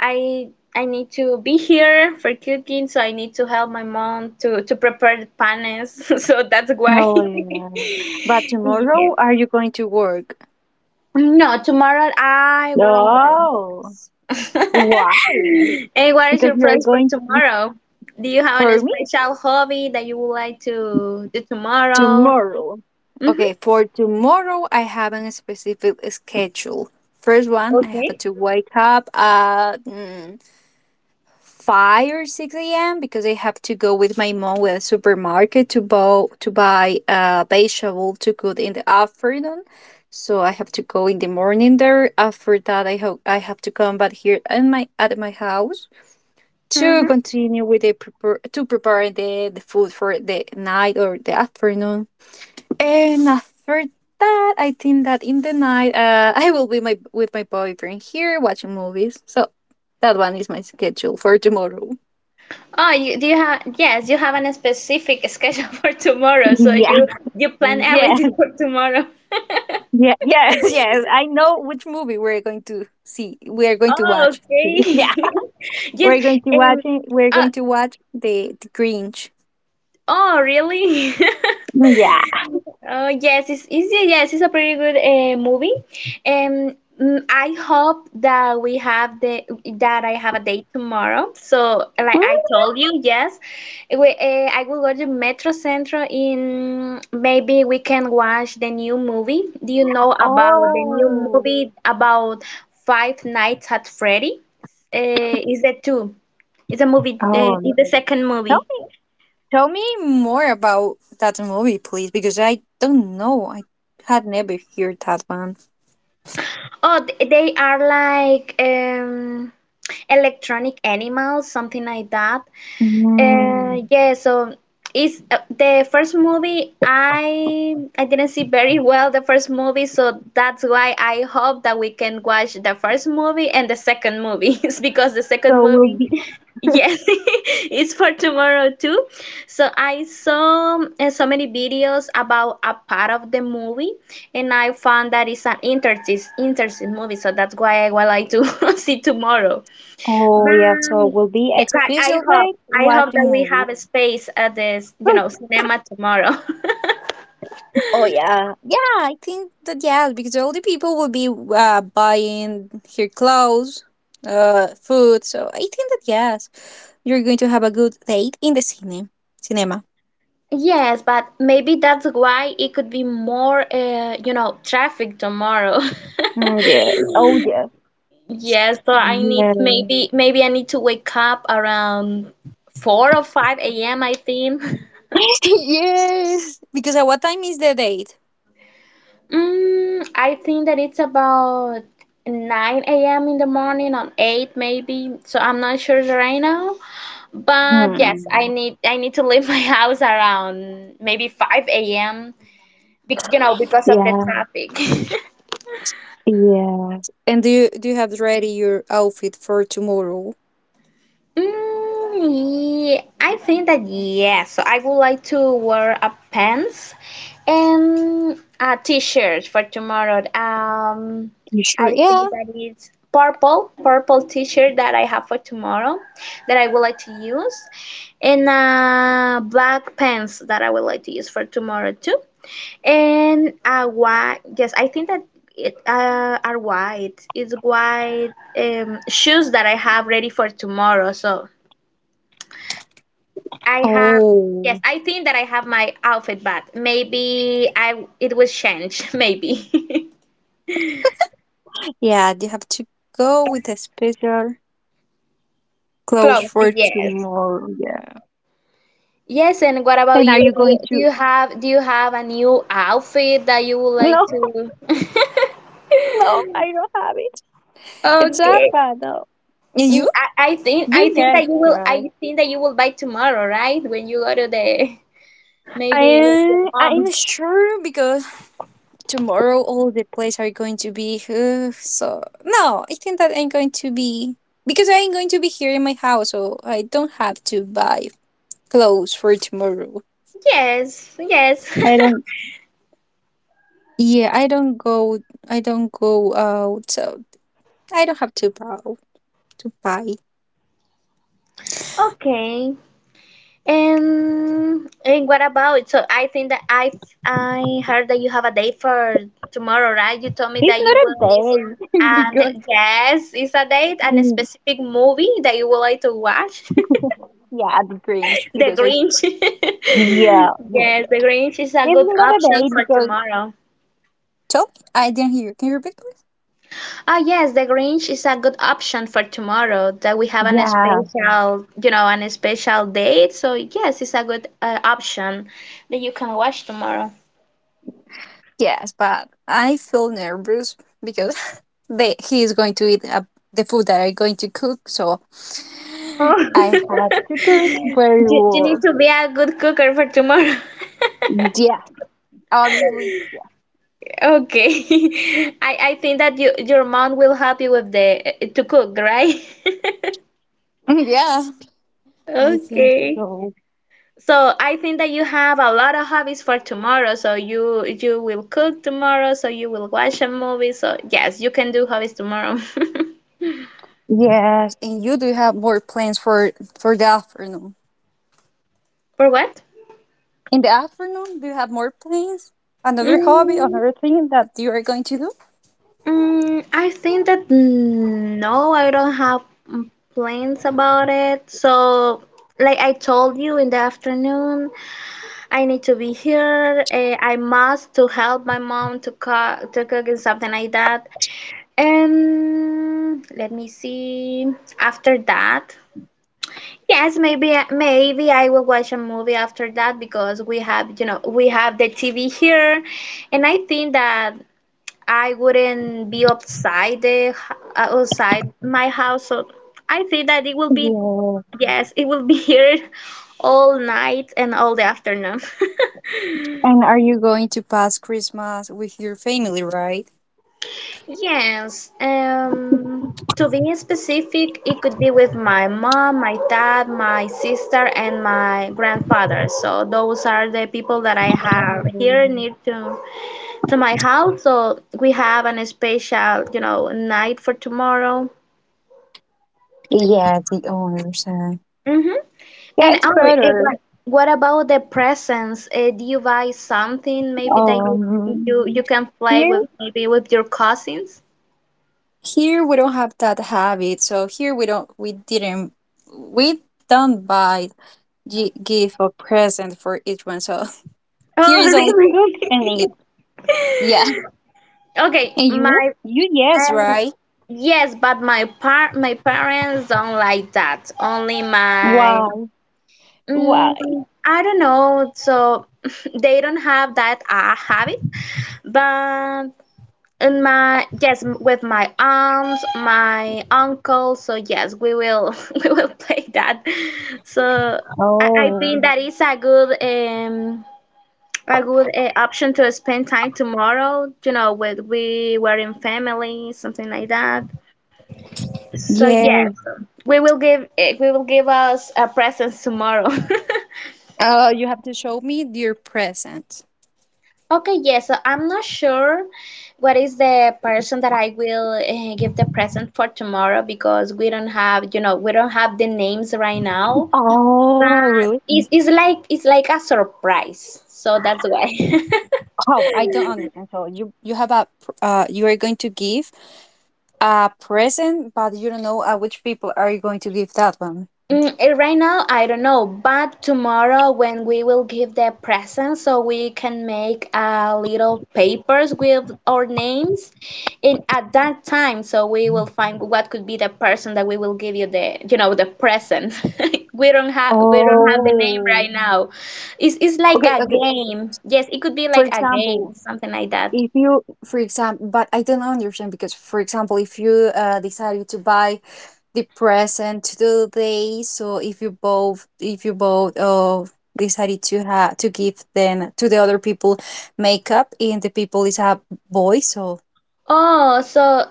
[SPEAKER 2] I I need to be here for cooking, so I need to help my mom to prepare the panes. So that's why.
[SPEAKER 1] Oh, yeah. But
[SPEAKER 2] Yeah.
[SPEAKER 1] tomorrow, are you going to work?
[SPEAKER 2] No, tomorrow I won't wear
[SPEAKER 1] Oh,
[SPEAKER 2] this.
[SPEAKER 1] why?
[SPEAKER 2] And what is
[SPEAKER 1] Because
[SPEAKER 2] your
[SPEAKER 1] you're
[SPEAKER 2] plans for
[SPEAKER 1] going to be
[SPEAKER 2] tomorrow? Do you have
[SPEAKER 1] for
[SPEAKER 2] any
[SPEAKER 1] me
[SPEAKER 2] special hobby that you would like to do tomorrow?
[SPEAKER 1] tomorrow.
[SPEAKER 2] Mm-hmm.
[SPEAKER 1] Okay, for tomorrow, I have a specific schedule. First one, I have
[SPEAKER 2] Okay.
[SPEAKER 1] to wake up at 5 or 6 a.m. because I have to go with my mom with a supermarket to buy vegetable to cook in the afternoon. So I have to go in the morning there. After that, I hope I have to come back here at my house to
[SPEAKER 2] Mm-hmm.
[SPEAKER 1] continue with the prepare to prepare the food for the night or the afternoon. And after that, I think that in the night, I will be my with my boyfriend here watching movies. So that one is my schedule for tomorrow.
[SPEAKER 2] Oh, you do you have, yes, you have a specific schedule for tomorrow, so
[SPEAKER 1] Yeah.
[SPEAKER 2] you plan
[SPEAKER 1] Yes.
[SPEAKER 2] everything for tomorrow.
[SPEAKER 1] Yeah. Yes. Yes. I know which movie we're going to see. We are going to
[SPEAKER 2] Oh,
[SPEAKER 1] watch.
[SPEAKER 2] okay.
[SPEAKER 1] Yeah.
[SPEAKER 2] Yes.
[SPEAKER 1] We're going to watch
[SPEAKER 2] Um.
[SPEAKER 1] it. We're
[SPEAKER 2] Uh,
[SPEAKER 1] going to watch the Grinch.
[SPEAKER 2] oh, really?
[SPEAKER 1] Yeah.
[SPEAKER 2] Yes, it's easy. Yes, it's a pretty good movie. I hope that I have a date tomorrow. So,
[SPEAKER 1] Hmm?
[SPEAKER 2] like I told you, yes, I will go to Metro Centro in, maybe we can watch the new movie. Do you know about the new
[SPEAKER 1] Oh.
[SPEAKER 2] movie about Five Nights at Freddy? Is that two? It's a movie.
[SPEAKER 1] Oh.
[SPEAKER 2] It's the second
[SPEAKER 1] Tell
[SPEAKER 2] movie.
[SPEAKER 1] me. Tell me more about that movie, please, because I don't know. I had never heard that one.
[SPEAKER 2] Oh, they are like electronic animals, something like that.
[SPEAKER 1] Mm.
[SPEAKER 2] Yeah, so it's the first movie. I didn't see very well the first movie, so that's why I hope that we can watch the first movie and the second movie, it's because the second
[SPEAKER 1] So we'll
[SPEAKER 2] movie,
[SPEAKER 1] be.
[SPEAKER 2] yes, it's for tomorrow too. So I saw so many videos about a part of the movie, and I found that it's an interesting, interesting movie. So that's why I would like to see tomorrow.
[SPEAKER 1] Oh yeah. So
[SPEAKER 2] But,
[SPEAKER 1] we'll be
[SPEAKER 2] yeah,
[SPEAKER 1] at
[SPEAKER 2] but I
[SPEAKER 1] Special
[SPEAKER 2] hope
[SPEAKER 1] Break
[SPEAKER 2] I hope that
[SPEAKER 1] watching
[SPEAKER 2] we
[SPEAKER 1] movies.
[SPEAKER 2] have a space at this, you know, cinema tomorrow.
[SPEAKER 1] Oh yeah, yeah. I think that yes, because all the people will be buying her clothes, food. So I think that yes, you're going to have a good date in the cinema. Cinema.
[SPEAKER 2] Yes, but maybe that's why it could be more, you know, traffic tomorrow.
[SPEAKER 1] Mm, yeah. Oh, yes.
[SPEAKER 2] Yes, so I need
[SPEAKER 1] Yeah.
[SPEAKER 2] maybe I need to wake up around 4 or 5 a.m. I think.
[SPEAKER 1] Yes. Because at what time is the date?
[SPEAKER 2] Mm, I think that it's about 9 a.m. in the morning on 8 maybe. So I'm not sure right now. But yes, I
[SPEAKER 1] Hmm.
[SPEAKER 2] need I need to leave my house around maybe 5 a.m. You know, because of the
[SPEAKER 1] Yeah.
[SPEAKER 2] traffic.
[SPEAKER 1] Yeah. And do you have ready your outfit for tomorrow?
[SPEAKER 2] Mm, I think that yes. So I would like to wear a pants and a t-shirt for tomorrow.
[SPEAKER 1] You
[SPEAKER 2] I
[SPEAKER 1] sure?
[SPEAKER 2] think
[SPEAKER 1] Yeah.
[SPEAKER 2] that it's purple t-shirt that I have for tomorrow that I would like to use, and black pants that I would like to use for tomorrow too. And white. Yes, I think that it are white. It's white shoes that I have ready for tomorrow. So, I have, yes,
[SPEAKER 1] Oh
[SPEAKER 2] I think that I have my outfit back. Maybe I it will change, maybe.
[SPEAKER 1] yeah, do you have to go with a special clothes
[SPEAKER 2] Clothes,
[SPEAKER 1] for
[SPEAKER 2] yes.
[SPEAKER 1] tomorrow? Yeah.
[SPEAKER 2] Yes, and what about
[SPEAKER 1] And are
[SPEAKER 2] you?
[SPEAKER 1] you
[SPEAKER 2] Do you,
[SPEAKER 1] going
[SPEAKER 2] do
[SPEAKER 1] to?
[SPEAKER 2] you have do you have a new outfit that you would like
[SPEAKER 1] No,
[SPEAKER 2] to?
[SPEAKER 1] no, I don't have it. It's up,
[SPEAKER 2] Okay.
[SPEAKER 1] though. And
[SPEAKER 2] Mm,
[SPEAKER 1] you?
[SPEAKER 2] I, I think I
[SPEAKER 1] You
[SPEAKER 2] think that
[SPEAKER 1] yes,
[SPEAKER 2] you will
[SPEAKER 1] right?
[SPEAKER 2] I think that you will buy tomorrow, right? When you go to the maybe with your
[SPEAKER 1] I'm
[SPEAKER 2] mom.
[SPEAKER 1] sure because tomorrow all the plays are going to be so no I think that I'm going to be because I'm going to be here in my house so I don't have to buy clothes for tomorrow.
[SPEAKER 2] Yes, yes.
[SPEAKER 1] I don't. Yeah, I don't go out so I don't have to buy.
[SPEAKER 2] Okay. And what about? So I think that I heard that you have a date for tomorrow, right? You told me
[SPEAKER 1] He's
[SPEAKER 2] that
[SPEAKER 1] not
[SPEAKER 2] you
[SPEAKER 1] a
[SPEAKER 2] will listen.
[SPEAKER 1] bear
[SPEAKER 2] And
[SPEAKER 1] because
[SPEAKER 2] yes, it's a date and a
[SPEAKER 1] mm,
[SPEAKER 2] specific movie that you would like to watch.
[SPEAKER 1] yeah, the Grinch
[SPEAKER 2] The
[SPEAKER 1] because I
[SPEAKER 2] Grinch.
[SPEAKER 1] yeah yeah
[SPEAKER 2] Yes, The
[SPEAKER 1] yeah.
[SPEAKER 2] Grinch is a
[SPEAKER 1] He's
[SPEAKER 2] good
[SPEAKER 1] not a
[SPEAKER 2] option
[SPEAKER 1] bear
[SPEAKER 2] for
[SPEAKER 1] because
[SPEAKER 2] tomorrow.
[SPEAKER 1] tell I didn't hear. Can you repeat, please?
[SPEAKER 2] Ah, yes, The Grinch is a good option for tomorrow that we have an
[SPEAKER 1] Yeah.
[SPEAKER 2] special, you know, an special date. So yes, it's a good option that you can watch tomorrow.
[SPEAKER 1] Yes, but I feel nervous because he is going to eat the food that I'm going to cook. So
[SPEAKER 2] Oh.
[SPEAKER 1] I have to cook very
[SPEAKER 2] you, you need
[SPEAKER 1] well.
[SPEAKER 2] to be a good cooker for tomorrow.
[SPEAKER 1] Yeah, obviously
[SPEAKER 2] Okay. I think that you, your mom will help you with the to cook, right?
[SPEAKER 1] yeah, yeah. I think
[SPEAKER 2] Okay.
[SPEAKER 1] so.
[SPEAKER 2] So I think that you have a lot of hobbies for tomorrow. So you will cook tomorrow, so you will watch a movie. So yes, you can do hobbies tomorrow.
[SPEAKER 1] Yes, and you do have more plans for the afternoon.
[SPEAKER 2] For what?
[SPEAKER 1] In the afternoon, do you have more plans? Another hobby,
[SPEAKER 2] Mm.
[SPEAKER 1] another thing that you are going to do?
[SPEAKER 2] I think that no, I don't have plans about it. So, like I told you in the afternoon, I need to be here. I must to help my mom to cook and something like that. And let me see. After that, yes, maybe I will watch a movie after that because we have, you know, we have the TV here, and I think that I wouldn't be outside the outside my house. So I think that it will be
[SPEAKER 1] Yeah.
[SPEAKER 2] yes, it will be here all night and all the afternoon.
[SPEAKER 1] And are you going to pass Christmas with your family, right?
[SPEAKER 2] Yes, to be specific, it could be with my mom, my dad, my sister, and my grandfather. So those are the people that I have here
[SPEAKER 1] Um,
[SPEAKER 2] near to my house. So we have an special, you know, night for tomorrow.
[SPEAKER 1] yeah, the owners.
[SPEAKER 2] Hmm
[SPEAKER 1] Yeah,
[SPEAKER 2] And
[SPEAKER 1] it's
[SPEAKER 2] only
[SPEAKER 1] better.
[SPEAKER 2] what about the presents? Do you buy something maybe that you
[SPEAKER 1] Um,
[SPEAKER 2] you you can play
[SPEAKER 1] here,
[SPEAKER 2] with maybe with your cousins?
[SPEAKER 1] here we don't have that habit. So here we didn't, we don't buy, give a present for each one. So here
[SPEAKER 2] Oh,
[SPEAKER 1] is only cook and
[SPEAKER 2] really?
[SPEAKER 1] eat. Yeah.
[SPEAKER 2] Okay,
[SPEAKER 1] And you?
[SPEAKER 2] my
[SPEAKER 1] You yes,
[SPEAKER 2] um,
[SPEAKER 1] right?
[SPEAKER 2] yes, but my parents don't like that. Only my
[SPEAKER 1] Why? Why?
[SPEAKER 2] I don't know. So they don't have that habit, but, in my yes with my aunt my uncle so yes we will we will play that so I think
[SPEAKER 1] Oh,
[SPEAKER 2] that is a good option to spend time tomorrow, you know, with we were in family something like that so yes
[SPEAKER 1] yes.
[SPEAKER 2] we will give we will give us a presents tomorrow.
[SPEAKER 1] Oh, you have to show me your present.
[SPEAKER 2] Okay, yes, so I'm not sure what is the person that I will give the present for tomorrow because we don't have, you know, we don't have the names right now. But
[SPEAKER 1] Oh, really?
[SPEAKER 2] it's like a surprise, so that's why.
[SPEAKER 1] Oh, I don't understand. So you you are going to give a present, but you don't know which people are you going to give that one.
[SPEAKER 2] Mm, right now, I don't know, but tomorrow when we will give the presents, so we can make little papers with our names, and at that time, so we will find what could be the person that we will give you the, you know, the present. We don't have the name right
[SPEAKER 1] Oh.
[SPEAKER 2] now. It's like
[SPEAKER 1] Okay,
[SPEAKER 2] a
[SPEAKER 1] okay.
[SPEAKER 2] game. Yes, it could be
[SPEAKER 1] For
[SPEAKER 2] like a game,
[SPEAKER 1] example,
[SPEAKER 2] something like that.
[SPEAKER 1] if you for example but I don't understand because for example if you decided to buy the present today. So if you both decided to have to give then to the other people makeup and the people is a boy so...
[SPEAKER 2] Oh, so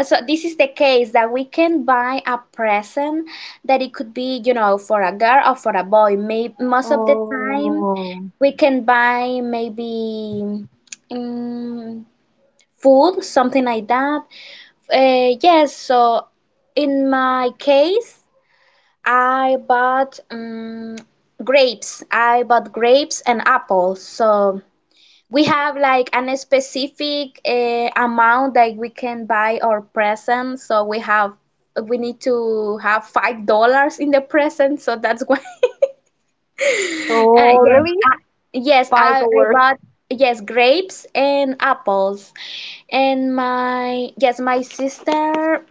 [SPEAKER 2] so this is the case that we can buy a present that it could be, you know, for a girl or for a boy. Maybe most of the time
[SPEAKER 1] Oh,
[SPEAKER 2] we can buy maybe um, food, something like that. Yes, so in my case I bought grapes. I bought grapes and apples, so we have like an specific amount that we can buy our present. So we have we need to have $5 in the present, so that's why
[SPEAKER 1] oh,
[SPEAKER 2] yes
[SPEAKER 1] really?
[SPEAKER 2] yes
[SPEAKER 1] Five
[SPEAKER 2] I
[SPEAKER 1] dollars.
[SPEAKER 2] bought yes grapes and apples, and my yes my sister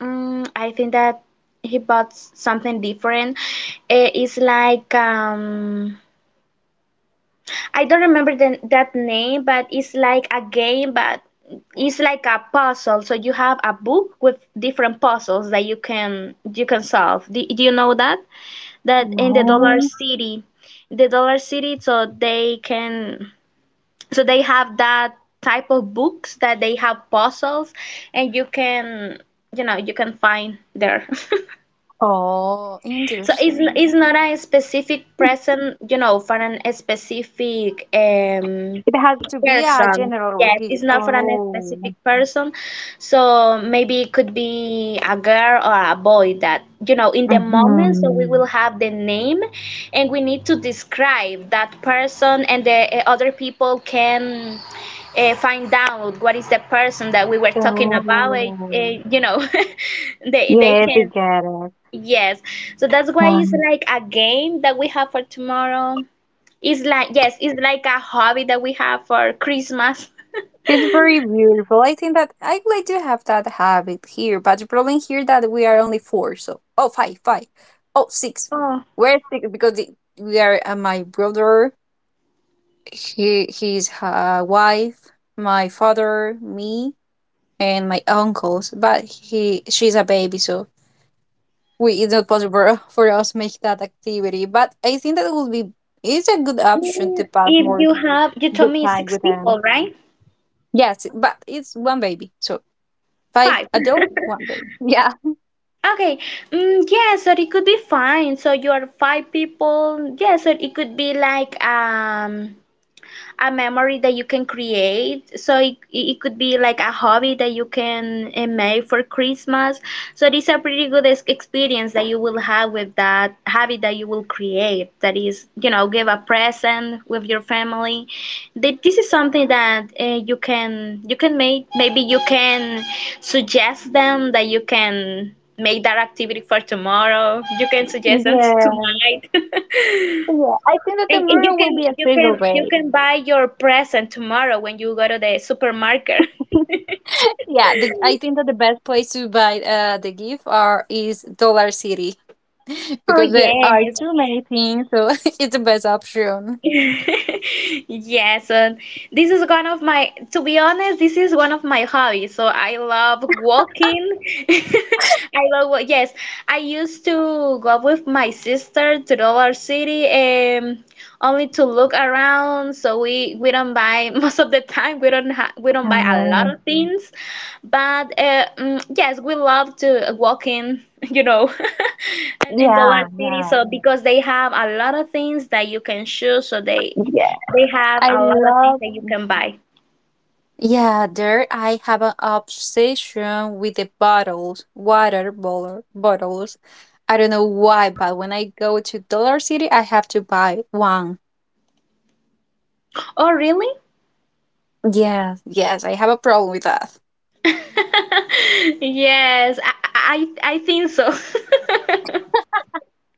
[SPEAKER 2] I think that he bought something different. It's like I don't remember that name, but it's like a game, but it's like a puzzle. So you have a book with different puzzles that you can solve. Do you know that? That in
[SPEAKER 1] No,
[SPEAKER 2] The Dollar City, so they can so they have that type of books that they have puzzles, and you can you know you can find there.
[SPEAKER 1] oh,
[SPEAKER 2] So
[SPEAKER 1] interesting.
[SPEAKER 2] it's not a specific present, you know, for an a specific
[SPEAKER 1] It has to be a
[SPEAKER 2] person.
[SPEAKER 1] general
[SPEAKER 2] Yes, it's
[SPEAKER 1] gift.
[SPEAKER 2] not for a
[SPEAKER 1] Oh,
[SPEAKER 2] specific person. So maybe it could be a girl or a boy that, you know, in the moment, so we
[SPEAKER 1] hmm,
[SPEAKER 2] will have the name and we need to describe that person and the other people can find out what is the person that we were talking about.
[SPEAKER 1] oh.
[SPEAKER 2] You know, they
[SPEAKER 1] Yes, I
[SPEAKER 2] can,
[SPEAKER 1] get it.
[SPEAKER 2] yes. So that's why it's
[SPEAKER 1] Yeah.
[SPEAKER 2] like a game that we have for tomorrow. It's like yes, it's like a hobby that we have for Christmas.
[SPEAKER 1] It's very beautiful. I think that I would like to have that habit here, but the problem here that we are only four, so oh five, five, oh six.
[SPEAKER 2] Oh,
[SPEAKER 1] We're six because we are my brother, he his wife, my father, me, and my uncles. But he she's a baby, so we it's not possible for us make that activity. But I think that would be it's a good option to
[SPEAKER 2] mm,
[SPEAKER 1] pass
[SPEAKER 2] if
[SPEAKER 1] more
[SPEAKER 2] you have, you told
[SPEAKER 1] good
[SPEAKER 2] me
[SPEAKER 1] time
[SPEAKER 2] six
[SPEAKER 1] with them.
[SPEAKER 2] people, right?
[SPEAKER 1] Yes, but it's one baby. So five
[SPEAKER 2] Five.
[SPEAKER 1] adult, one baby. Yeah.
[SPEAKER 2] Okay. Mm, yeah, so it could be fine. So you are five people. Yeah, so it could be like a memory that you can create. So it could be like a hobby that you can make for Christmas. So it is a pretty good experience that you will have with that habit that you will create. That is, you know, give a present with your family. This is something that you can make. Maybe you can suggest them that you can make that activity for tomorrow. You can suggest them
[SPEAKER 1] Yeah.
[SPEAKER 2] tonight.
[SPEAKER 1] Yeah. I think that the
[SPEAKER 2] And
[SPEAKER 1] mirror will be a single
[SPEAKER 2] you
[SPEAKER 1] baby.
[SPEAKER 2] can buy your present tomorrow when you go to the supermarket.
[SPEAKER 1] Yeah. I think that the best place to buy the gift are is Dollar City
[SPEAKER 2] Oh
[SPEAKER 1] because there are
[SPEAKER 2] yes.
[SPEAKER 1] too many things. So it's the best option.
[SPEAKER 2] Yes, and this is one of my, to be honest, this is one of my hobbies. So I love walking. I love, yes, I used to go with my sister to Dollar City only to look around. So we don't buy most of the time we don't buy a lot
[SPEAKER 1] Oh.
[SPEAKER 2] of things, but yes, we love to walking. you know. and in the
[SPEAKER 1] Yeah.
[SPEAKER 2] large city
[SPEAKER 1] Yeah.
[SPEAKER 2] so because they have a lot of things that you can choose so
[SPEAKER 1] Yeah.
[SPEAKER 2] they have
[SPEAKER 1] I
[SPEAKER 2] a lot of things
[SPEAKER 1] love...
[SPEAKER 2] that you can buy.
[SPEAKER 1] Yeah, there I have an obsession with the bottles, water bottle, bottles. I don't know why, but when I go to Dollar City, I have to buy one.
[SPEAKER 2] Oh really.
[SPEAKER 1] Yes, yes, I have a problem with that.
[SPEAKER 2] yes I think so.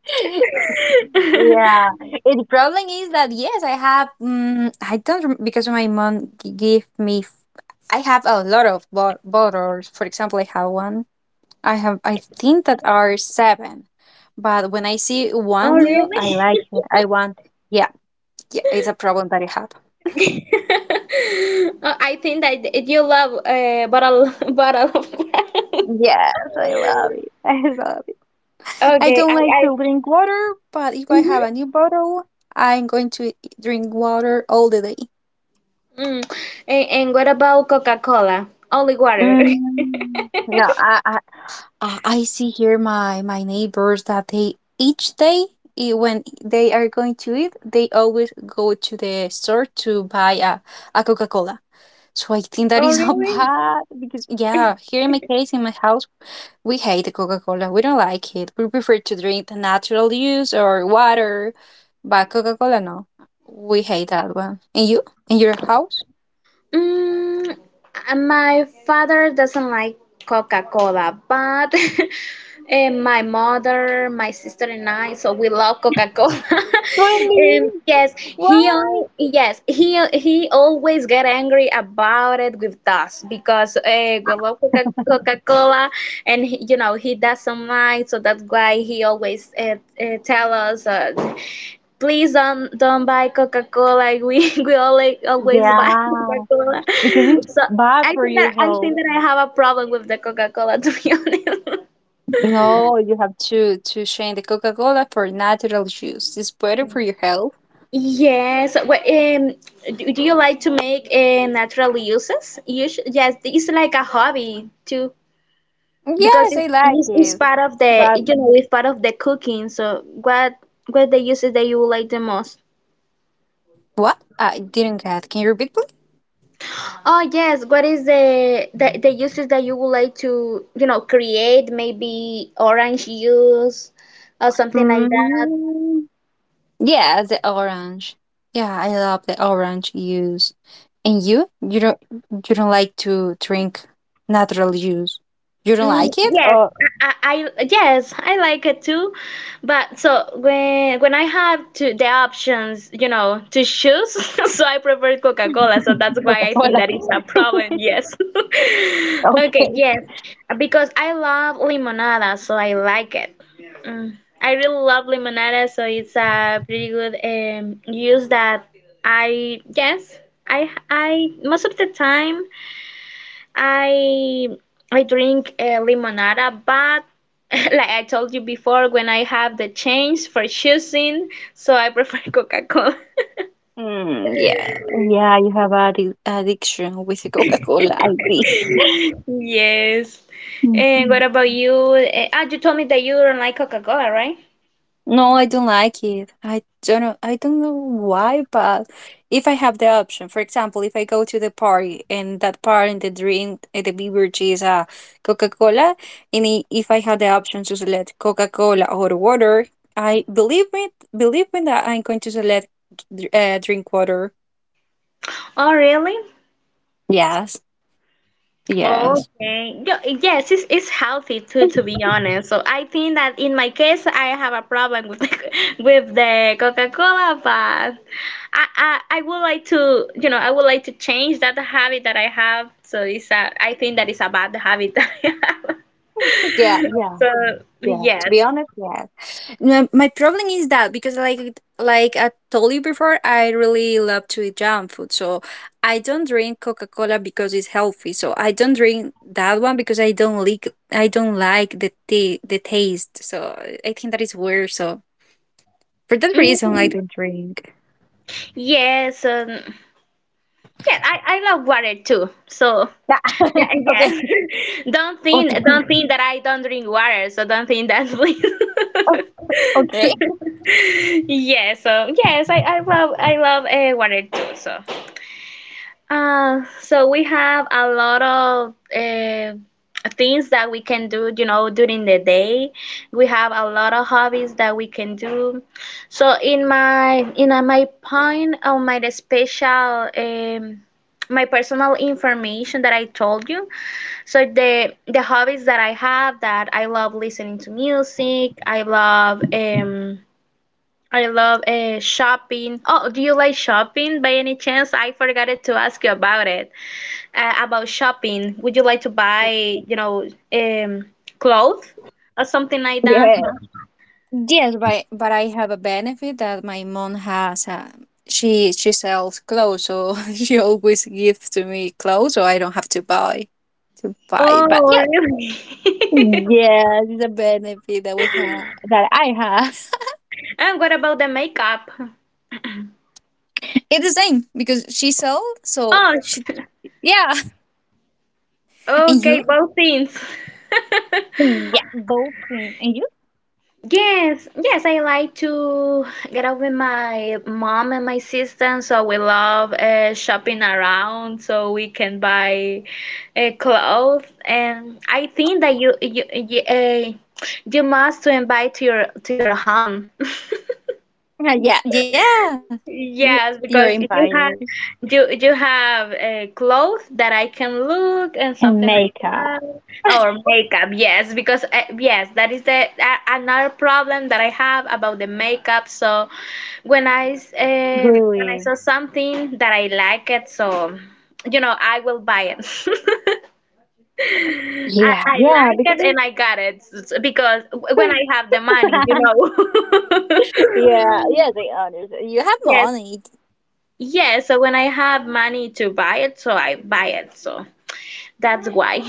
[SPEAKER 1] Yeah, and the problem is that yes, I have. I don't because my mom gave me. I have a lot of bottles. For example, I have one. I have. I think that are seven, but when I see
[SPEAKER 2] Oh
[SPEAKER 1] one new, I like
[SPEAKER 2] really.
[SPEAKER 1] it. I want. Yeah. Yeah, it's a problem that I have.
[SPEAKER 2] Oh, I think that it- you love a bottle bottle of wine.
[SPEAKER 1] Yes, I love it. I love it. I
[SPEAKER 2] Okay
[SPEAKER 1] don't like
[SPEAKER 2] I
[SPEAKER 1] to drink water, but if I
[SPEAKER 2] mhm.
[SPEAKER 1] have a new bottle, I'm going to drink water all the day.
[SPEAKER 2] Mm. And what about Coca-Cola. Only water.
[SPEAKER 1] No, I see here my neighbors that they each day when they are going to eat, they always go to the store to buy a Coca Cola. So I think that
[SPEAKER 2] Oh
[SPEAKER 1] is so
[SPEAKER 2] really.
[SPEAKER 1] bad because yeah, here in my case in my house we hate Coca-Cola. We don't like it. We prefer to drink the natural juice or water, but Coca-Cola, no. We hate that one. And you? In your house?
[SPEAKER 2] Mm, my father doesn't like Coca Cola, but my mother, my sister, and I, so we love Coca Cola.
[SPEAKER 1] Really?
[SPEAKER 2] Yes,
[SPEAKER 1] Why?
[SPEAKER 2] yes he always get angry about it with us because we love Coca Cola, and he, you know he doesn't like, so that's why he always tell us. Please don't buy Coca Cola. We always buy
[SPEAKER 1] Yeah,
[SPEAKER 2] Coca Cola.
[SPEAKER 1] because it's
[SPEAKER 2] So
[SPEAKER 1] bad for your
[SPEAKER 2] I think
[SPEAKER 1] health.
[SPEAKER 2] that I have a problem with the Coca Cola to be honest.
[SPEAKER 1] No, you have to change the Coca-Cola for natural juice. It's better for your health.
[SPEAKER 2] Yes. Well, do you like to make natural uses? You should, yes, it's like a hobby too, because
[SPEAKER 1] Yes, I like
[SPEAKER 2] it's
[SPEAKER 1] it.
[SPEAKER 2] part of the
[SPEAKER 1] But
[SPEAKER 2] you know it's part of the cooking. So what the uses that you like the most?
[SPEAKER 1] what? I didn't get. Can you repeat,
[SPEAKER 2] Oh yes, what is the uses that you would like to, you know, create? Maybe orange juice or something like that.
[SPEAKER 1] please? Yeah, the orange. Yeah, I love the orange juice. And you? You don't like to drink natural juice. You don't
[SPEAKER 2] Mm,
[SPEAKER 1] like it?
[SPEAKER 2] yes,
[SPEAKER 1] Or
[SPEAKER 2] I, I yes, I like it too. But so when I have to the options, you know, to choose, so I prefer Coca-Cola. So that's why I think
[SPEAKER 1] Coca-Cola.
[SPEAKER 2] that is a problem. Yes. Okay,
[SPEAKER 1] Okay.
[SPEAKER 2] yes. Because I love limonada, so I like it. I really love limonada, so it's a pretty good use that I yes, I Most of the time I I drink limonada, but like I told you before, when I have the change for choosing, so I prefer Coca-Cola.
[SPEAKER 1] Mm, yeah. Yeah, you have an addiction with the Coca-Cola, I see.
[SPEAKER 2] Yes. And what about you? You told me that you don't like Coca-Cola, right?
[SPEAKER 1] No, I don't like it. I don't know. I don't know why, but if I have the option, for example, if I go to the party and that part and the drink, the beverage is Coca-Cola, and if I have the option to select Coca-Cola or water, I believe me that I'm going to select drink water.
[SPEAKER 2] Oh, really?
[SPEAKER 1] Yes. Yes.
[SPEAKER 2] Okay. Yes, it's healthy too, to be honest. So I think that in my case, I have a problem with with the Coca-Cola, but I would like to, you know, I would like to change that habit that I have. So it's a, I think that is a bad habit that I have.
[SPEAKER 1] Yeah. Yeah.
[SPEAKER 2] So
[SPEAKER 1] Yeah. To
[SPEAKER 2] yes.
[SPEAKER 1] be honest, yes. My problem is that because like I told you before, I really love to eat junk food. So I don't drink Coca Cola because it's healthy. So I don't drink that one because I don't like the taste. So I think that is weird. So for that reason, I
[SPEAKER 2] Mhm.
[SPEAKER 1] don't drink.
[SPEAKER 2] Yes, yeah, I love water too. So
[SPEAKER 1] Yeah.
[SPEAKER 2] yeah, yes,
[SPEAKER 1] Okay. Okay.
[SPEAKER 2] don't think that I don't drink water. So don't think that, please.
[SPEAKER 1] Okay.
[SPEAKER 2] Yeah. So yes, I love water too. So. So we have a lot of things that we can do, you know, during the day. We have a lot of hobbies that we can do. So in my point of my special my personal information that I told you. So the hobbies that I have that I love listening to music. I love shopping. Oh, do you like shopping by any chance? I forgot to ask you about it about shopping. Would you like to buy, you know, um, clothes or something like that?
[SPEAKER 1] Yeah. Yes, but I have a benefit that my mom has. She sells clothes, so she always gives to me clothes, so I don't have to buy. But
[SPEAKER 2] Oh,
[SPEAKER 1] yes,
[SPEAKER 2] really?
[SPEAKER 1] yes, it's a benefit that we have that I have.
[SPEAKER 2] And what about the makeup?
[SPEAKER 1] It's the same because she sells, so
[SPEAKER 2] Oh,
[SPEAKER 1] she yeah. And
[SPEAKER 2] okay,
[SPEAKER 1] you?
[SPEAKER 2] both things.
[SPEAKER 1] Yeah, both things. And you?
[SPEAKER 2] Yes, yes, I like to get out with my mom and my sister, so we love shopping around, so we can buy clothes. And I think that you must to invite to your home.
[SPEAKER 1] Yeah, yeah.
[SPEAKER 2] Yes,
[SPEAKER 1] You're
[SPEAKER 2] because you
[SPEAKER 1] invited
[SPEAKER 2] have you you have a clothes that I can look and
[SPEAKER 1] and
[SPEAKER 2] something like
[SPEAKER 1] makeup.
[SPEAKER 2] that, or makeup. Yes, because yes, that is the another problem that I have about the makeup. So when when I
[SPEAKER 1] Really?
[SPEAKER 2] saw something that I like it, so you know I will buy it. I,
[SPEAKER 1] Yeah,
[SPEAKER 2] I
[SPEAKER 1] yeah.
[SPEAKER 2] like it
[SPEAKER 1] Because
[SPEAKER 2] and I got it because when I
[SPEAKER 1] it's
[SPEAKER 2] have the money, you know.
[SPEAKER 1] yeah, yeah, they are. You have
[SPEAKER 2] Yes.
[SPEAKER 1] money.
[SPEAKER 2] Yeah, so when I have money to buy it, so I buy it. So that's why.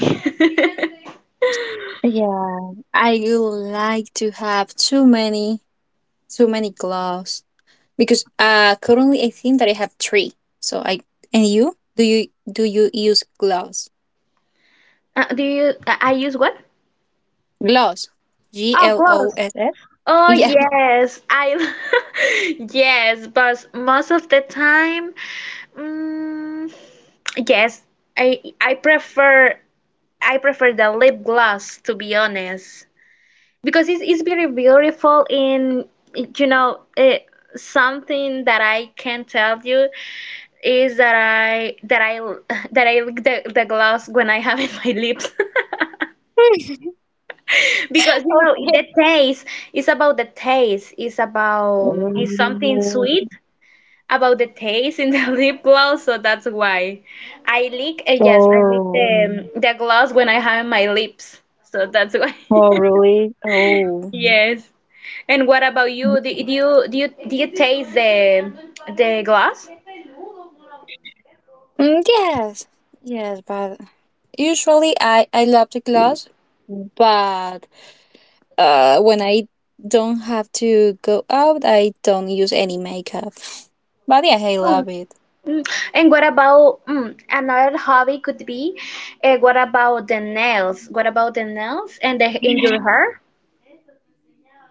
[SPEAKER 1] Yeah, I would like to have too many, gloves because currently I think that I have three. So I and you do you use gloves?
[SPEAKER 2] Do you? I use what?
[SPEAKER 1] Gloves, G
[SPEAKER 2] Oh,
[SPEAKER 1] L O
[SPEAKER 2] gloves.
[SPEAKER 1] S S.
[SPEAKER 2] Oh
[SPEAKER 1] Yeah.
[SPEAKER 2] yes, I. Yes, but most of the time, mm, yes, I I prefer I prefer the lip gloss to be honest because it's very beautiful in you know something that I can tell you is that I that I lick the gloss when I have it in my lips because you know
[SPEAKER 1] Okay.
[SPEAKER 2] the taste it's about it's something
[SPEAKER 1] Um,
[SPEAKER 2] sweet about the taste in the lip gloss so that's why I lick yes I lick
[SPEAKER 1] oh,
[SPEAKER 2] the gloss when I have in my lips so that's why
[SPEAKER 1] oh, really? Oh,
[SPEAKER 2] yes and what about you do you taste the gloss.
[SPEAKER 1] mm, yes, yes. But usually I love the gloves, but when I don't have to go out, I don't use any makeup. But yeah, I love it.
[SPEAKER 2] Mm, And what about another hobby could be, what about the nails? What about the nails and the in your hair?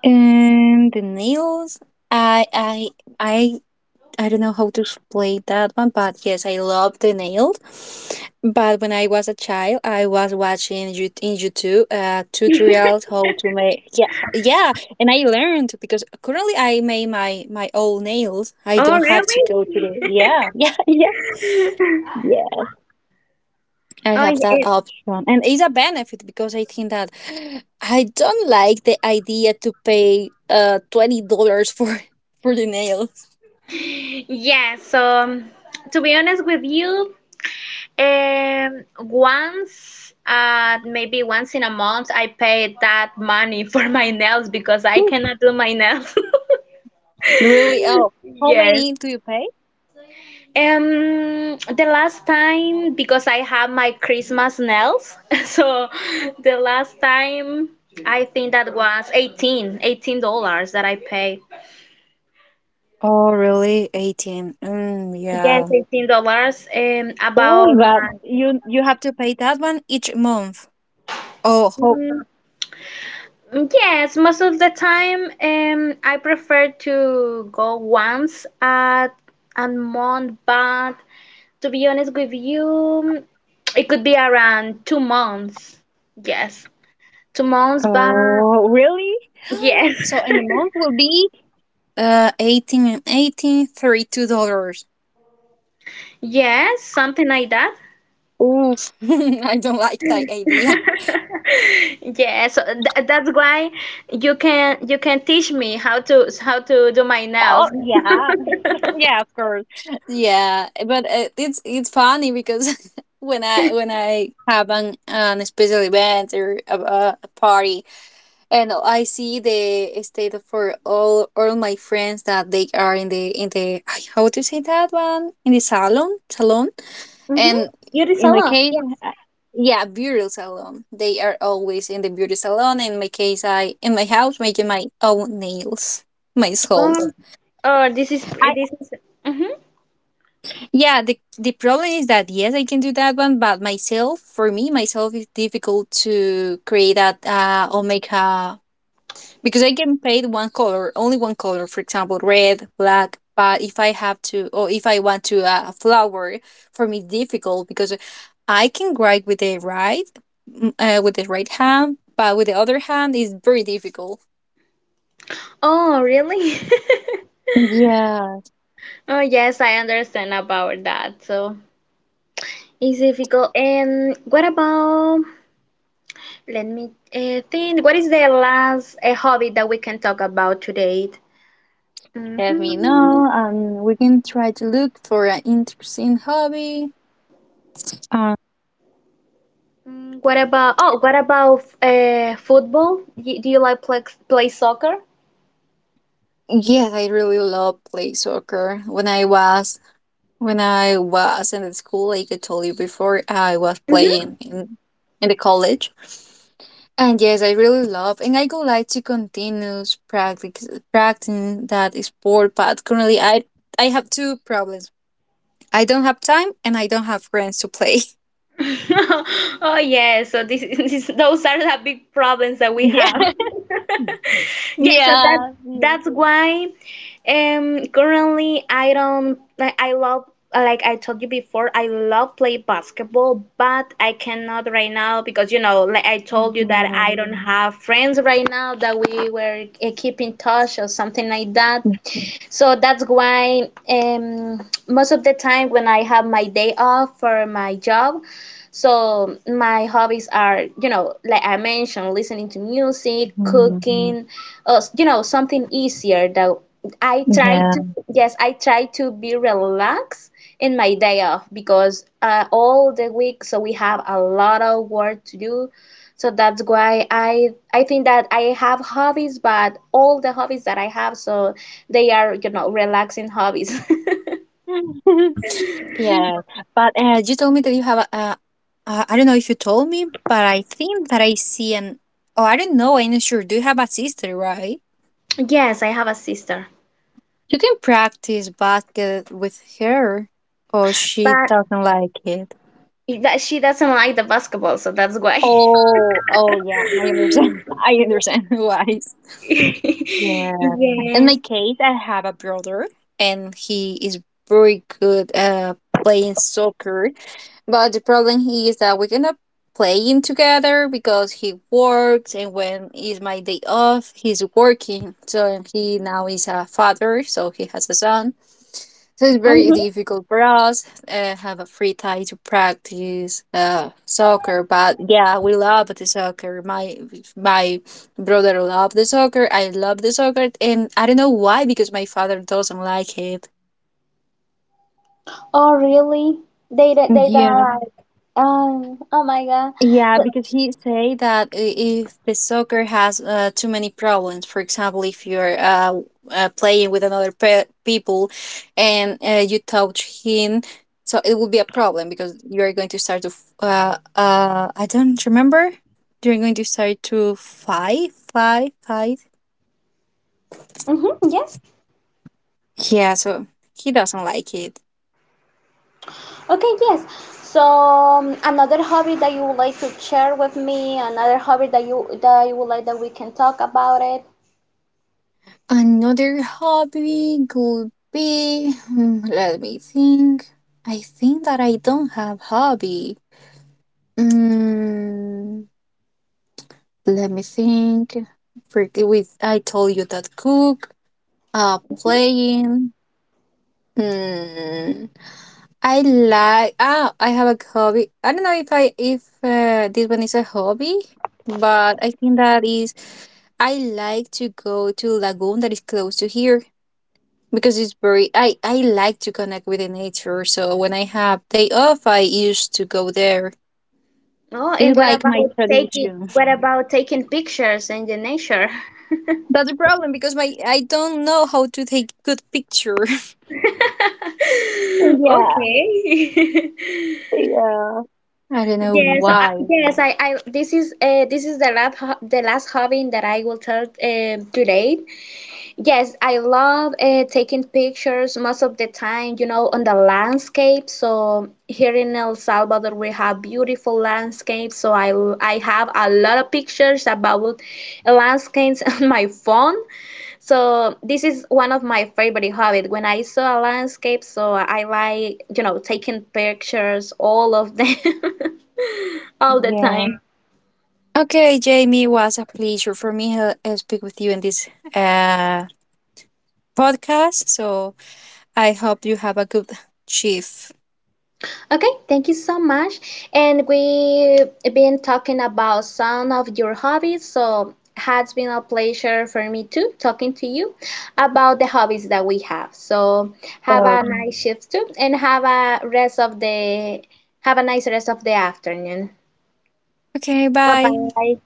[SPEAKER 1] And the nails, I I I I don't know how to explain that one, but yes, I love the nails. But when I was a child, I was watching you in YouTube tutorials how to make yeah yeah, and I learned because currently I make my own nails. I
[SPEAKER 2] Oh,
[SPEAKER 1] don't have to go to
[SPEAKER 2] really?
[SPEAKER 1] the yeah yeah yeah yeah. I
[SPEAKER 2] Oh,
[SPEAKER 1] have that
[SPEAKER 2] yeah.
[SPEAKER 1] option. And it's a benefit because I think that I don't like the idea to pay $20 for for the nails.
[SPEAKER 2] Yeah, so to be honest with you, once, maybe once in a month, I pay that money for my nails because I cannot do my nails.
[SPEAKER 1] Really? Oh, how
[SPEAKER 2] Yes.
[SPEAKER 1] many do you pay?
[SPEAKER 2] The last time because I have my Christmas nails, so the last time I think that was $18 that I paid.
[SPEAKER 1] Oh, really? 18. Mm,
[SPEAKER 2] Yes,
[SPEAKER 1] yeah.
[SPEAKER 2] $18.
[SPEAKER 1] Oh,
[SPEAKER 2] About
[SPEAKER 1] but you have to pay that one each month. Oh, how,
[SPEAKER 2] yes, most of the time, I prefer to go once at a month, but to be honest with you, it could be around 2 months. Yes, 2 months, but
[SPEAKER 1] oh, really?
[SPEAKER 2] yes.
[SPEAKER 1] So in the month will be 18 and 18, $32.
[SPEAKER 2] Yes, something like that.
[SPEAKER 1] Oof, I don't like that idea.
[SPEAKER 2] Yeah, so th that's why you can teach me how to do my nails.
[SPEAKER 1] Oh yeah, yeah, of course. Yeah, but it's funny because when I have an special event or a party, and I see the state for all my friends that they are in the ay, how to say that one in the salon,
[SPEAKER 2] Mm-hmm.
[SPEAKER 1] and
[SPEAKER 2] Beauty
[SPEAKER 1] in my
[SPEAKER 2] salon.
[SPEAKER 1] case,
[SPEAKER 2] Yes.
[SPEAKER 1] yeah, beauty salon. They are always in the beauty salon. In my case, I in my house making my own nails myself.
[SPEAKER 2] Oh, oh, this is this is. Mm-hmm.
[SPEAKER 1] Yeah, the problem is that yes, I can do that one, but myself, for me, myself, is difficult to create that or make a because I can paint one color, only one color, for example, red, black. But if I have to, or if I want to a flower, for me, difficult because I can write with the right, with the right hand, but with the other hand, it's very difficult.
[SPEAKER 2] Oh, really?
[SPEAKER 1] Yeah,
[SPEAKER 2] Oh, yes, I understand about that. So it's difficult. And what about? Let me think. What is the last hobby that we can talk about today?
[SPEAKER 1] let me
[SPEAKER 2] Mm-hmm.
[SPEAKER 1] know, and we can try to look for an interesting hobby. Um.
[SPEAKER 2] What about oh, what about football? Do you like play soccer?
[SPEAKER 1] Yes, I really love play soccer. When I was in the school, like I told you before, I was playing in the college. And yes, I really love and I would like to continue practice practicing that sport, but currently I have two problems. I don't have time and I don't have friends to play.
[SPEAKER 2] Oh yeah, so this, this those are the big problems that we have.
[SPEAKER 1] Yeah.
[SPEAKER 2] Yeah, so
[SPEAKER 1] Yeah. Yeah.
[SPEAKER 2] that's why currently I don't like I love like I told you before, I love play basketball, but I cannot right now because you know, like I told you that I
[SPEAKER 1] Mhm.
[SPEAKER 2] don't have friends right now that we were keep in touch or something like that. So that's why most of the time when I have my day off for my job, so my hobbies are, you know, like I mentioned, listening to music,
[SPEAKER 1] Mhm.
[SPEAKER 2] cooking, you know, something easier that I try
[SPEAKER 1] Yeah.
[SPEAKER 2] to, yes, I try to be relaxed in my day off because all the week, so we have a lot of work to do. So that's why I think that I have hobbies, but all the hobbies that I have, so they are you know relaxing hobbies
[SPEAKER 1] Yeah, but you told me that you have a. I don't know if you told me, but I think that I see an. Oh, I don't know. I'm not sure. Do you have a sister, right?
[SPEAKER 2] yes I have a sister
[SPEAKER 1] You can practice basket with her, or she
[SPEAKER 2] but
[SPEAKER 1] doesn't like it.
[SPEAKER 2] that she doesn't like the basketball so that's why
[SPEAKER 1] Oh, oh yeah, I understand. I understand why. Yeah. In my
[SPEAKER 2] yes.
[SPEAKER 1] case, I have a brother, and he is very good at playing soccer. But the problem he is that we cannot playing together because he works, and when is my day off, he's working. So he now is a father, so he has a son. So it's very
[SPEAKER 2] Mhm.
[SPEAKER 1] difficult for us have a free time to practice soccer. But yeah, we love the soccer. My brother love the soccer. I love the soccer, and I don't know why because my father doesn't like it.
[SPEAKER 2] Oh, really? They don't
[SPEAKER 1] Yeah.
[SPEAKER 2] like. Oh my God.
[SPEAKER 1] Yeah,
[SPEAKER 2] So,
[SPEAKER 1] because he say that if the soccer has too many problems, for example, if you're playing with another people and you touch him, so it will be a problem because you are going to start to I don't remember. You're going to start to fight, fight, fight.
[SPEAKER 2] hmm yes.
[SPEAKER 1] Yeah, so he doesn't like it.
[SPEAKER 2] Okay, yes. So another hobby that you would like to share with me, another hobby that you would like that we can talk about it.
[SPEAKER 1] Another hobby could be, hmm, let me think. I think that I don't have hobby. Mm, let me think. Freak- with I told you that cook, playing. Hmm. I like. Ah, I have a hobby. I don't know if I if this one is a hobby, but I think that is. I like to go to lagoon that is close to here because it's very I like to connect with the nature. So when I have day off, I used to go there.
[SPEAKER 2] Oh and
[SPEAKER 1] It's
[SPEAKER 2] what
[SPEAKER 1] like my
[SPEAKER 2] about taking
[SPEAKER 1] tradition.
[SPEAKER 2] pictures in the nature.
[SPEAKER 1] That's the problem because my I don't know how to take good picture. Yeah,
[SPEAKER 2] Okay.
[SPEAKER 1] yeah, I don't know
[SPEAKER 2] Yes.
[SPEAKER 1] why.
[SPEAKER 2] Yes, I this is the last the last hobby that I will tell today. Yes, I love taking pictures most of the time, you know, on the landscape. So here in El Salvador, we have beautiful landscapes. So I have a lot of pictures about landscapes on my phone. So this is one of my favorite hobbies. When I saw a landscape, so I like, you know, taking pictures, all of them, all the
[SPEAKER 1] Yeah.
[SPEAKER 2] time.
[SPEAKER 1] Okay, Jamie, it was a pleasure for me to speak with you in this uh, podcast. So I hope you have a good shift.
[SPEAKER 2] Okay, thank you so much. And we've been talking about some of your hobbies, so has been a pleasure for me too talking to you about the hobbies that we have. So have a
[SPEAKER 1] Okay.
[SPEAKER 2] nice shift too, and have a rest of the have a nice rest of the afternoon.
[SPEAKER 1] Okay,
[SPEAKER 2] Bye
[SPEAKER 1] bye.
[SPEAKER 2] bye.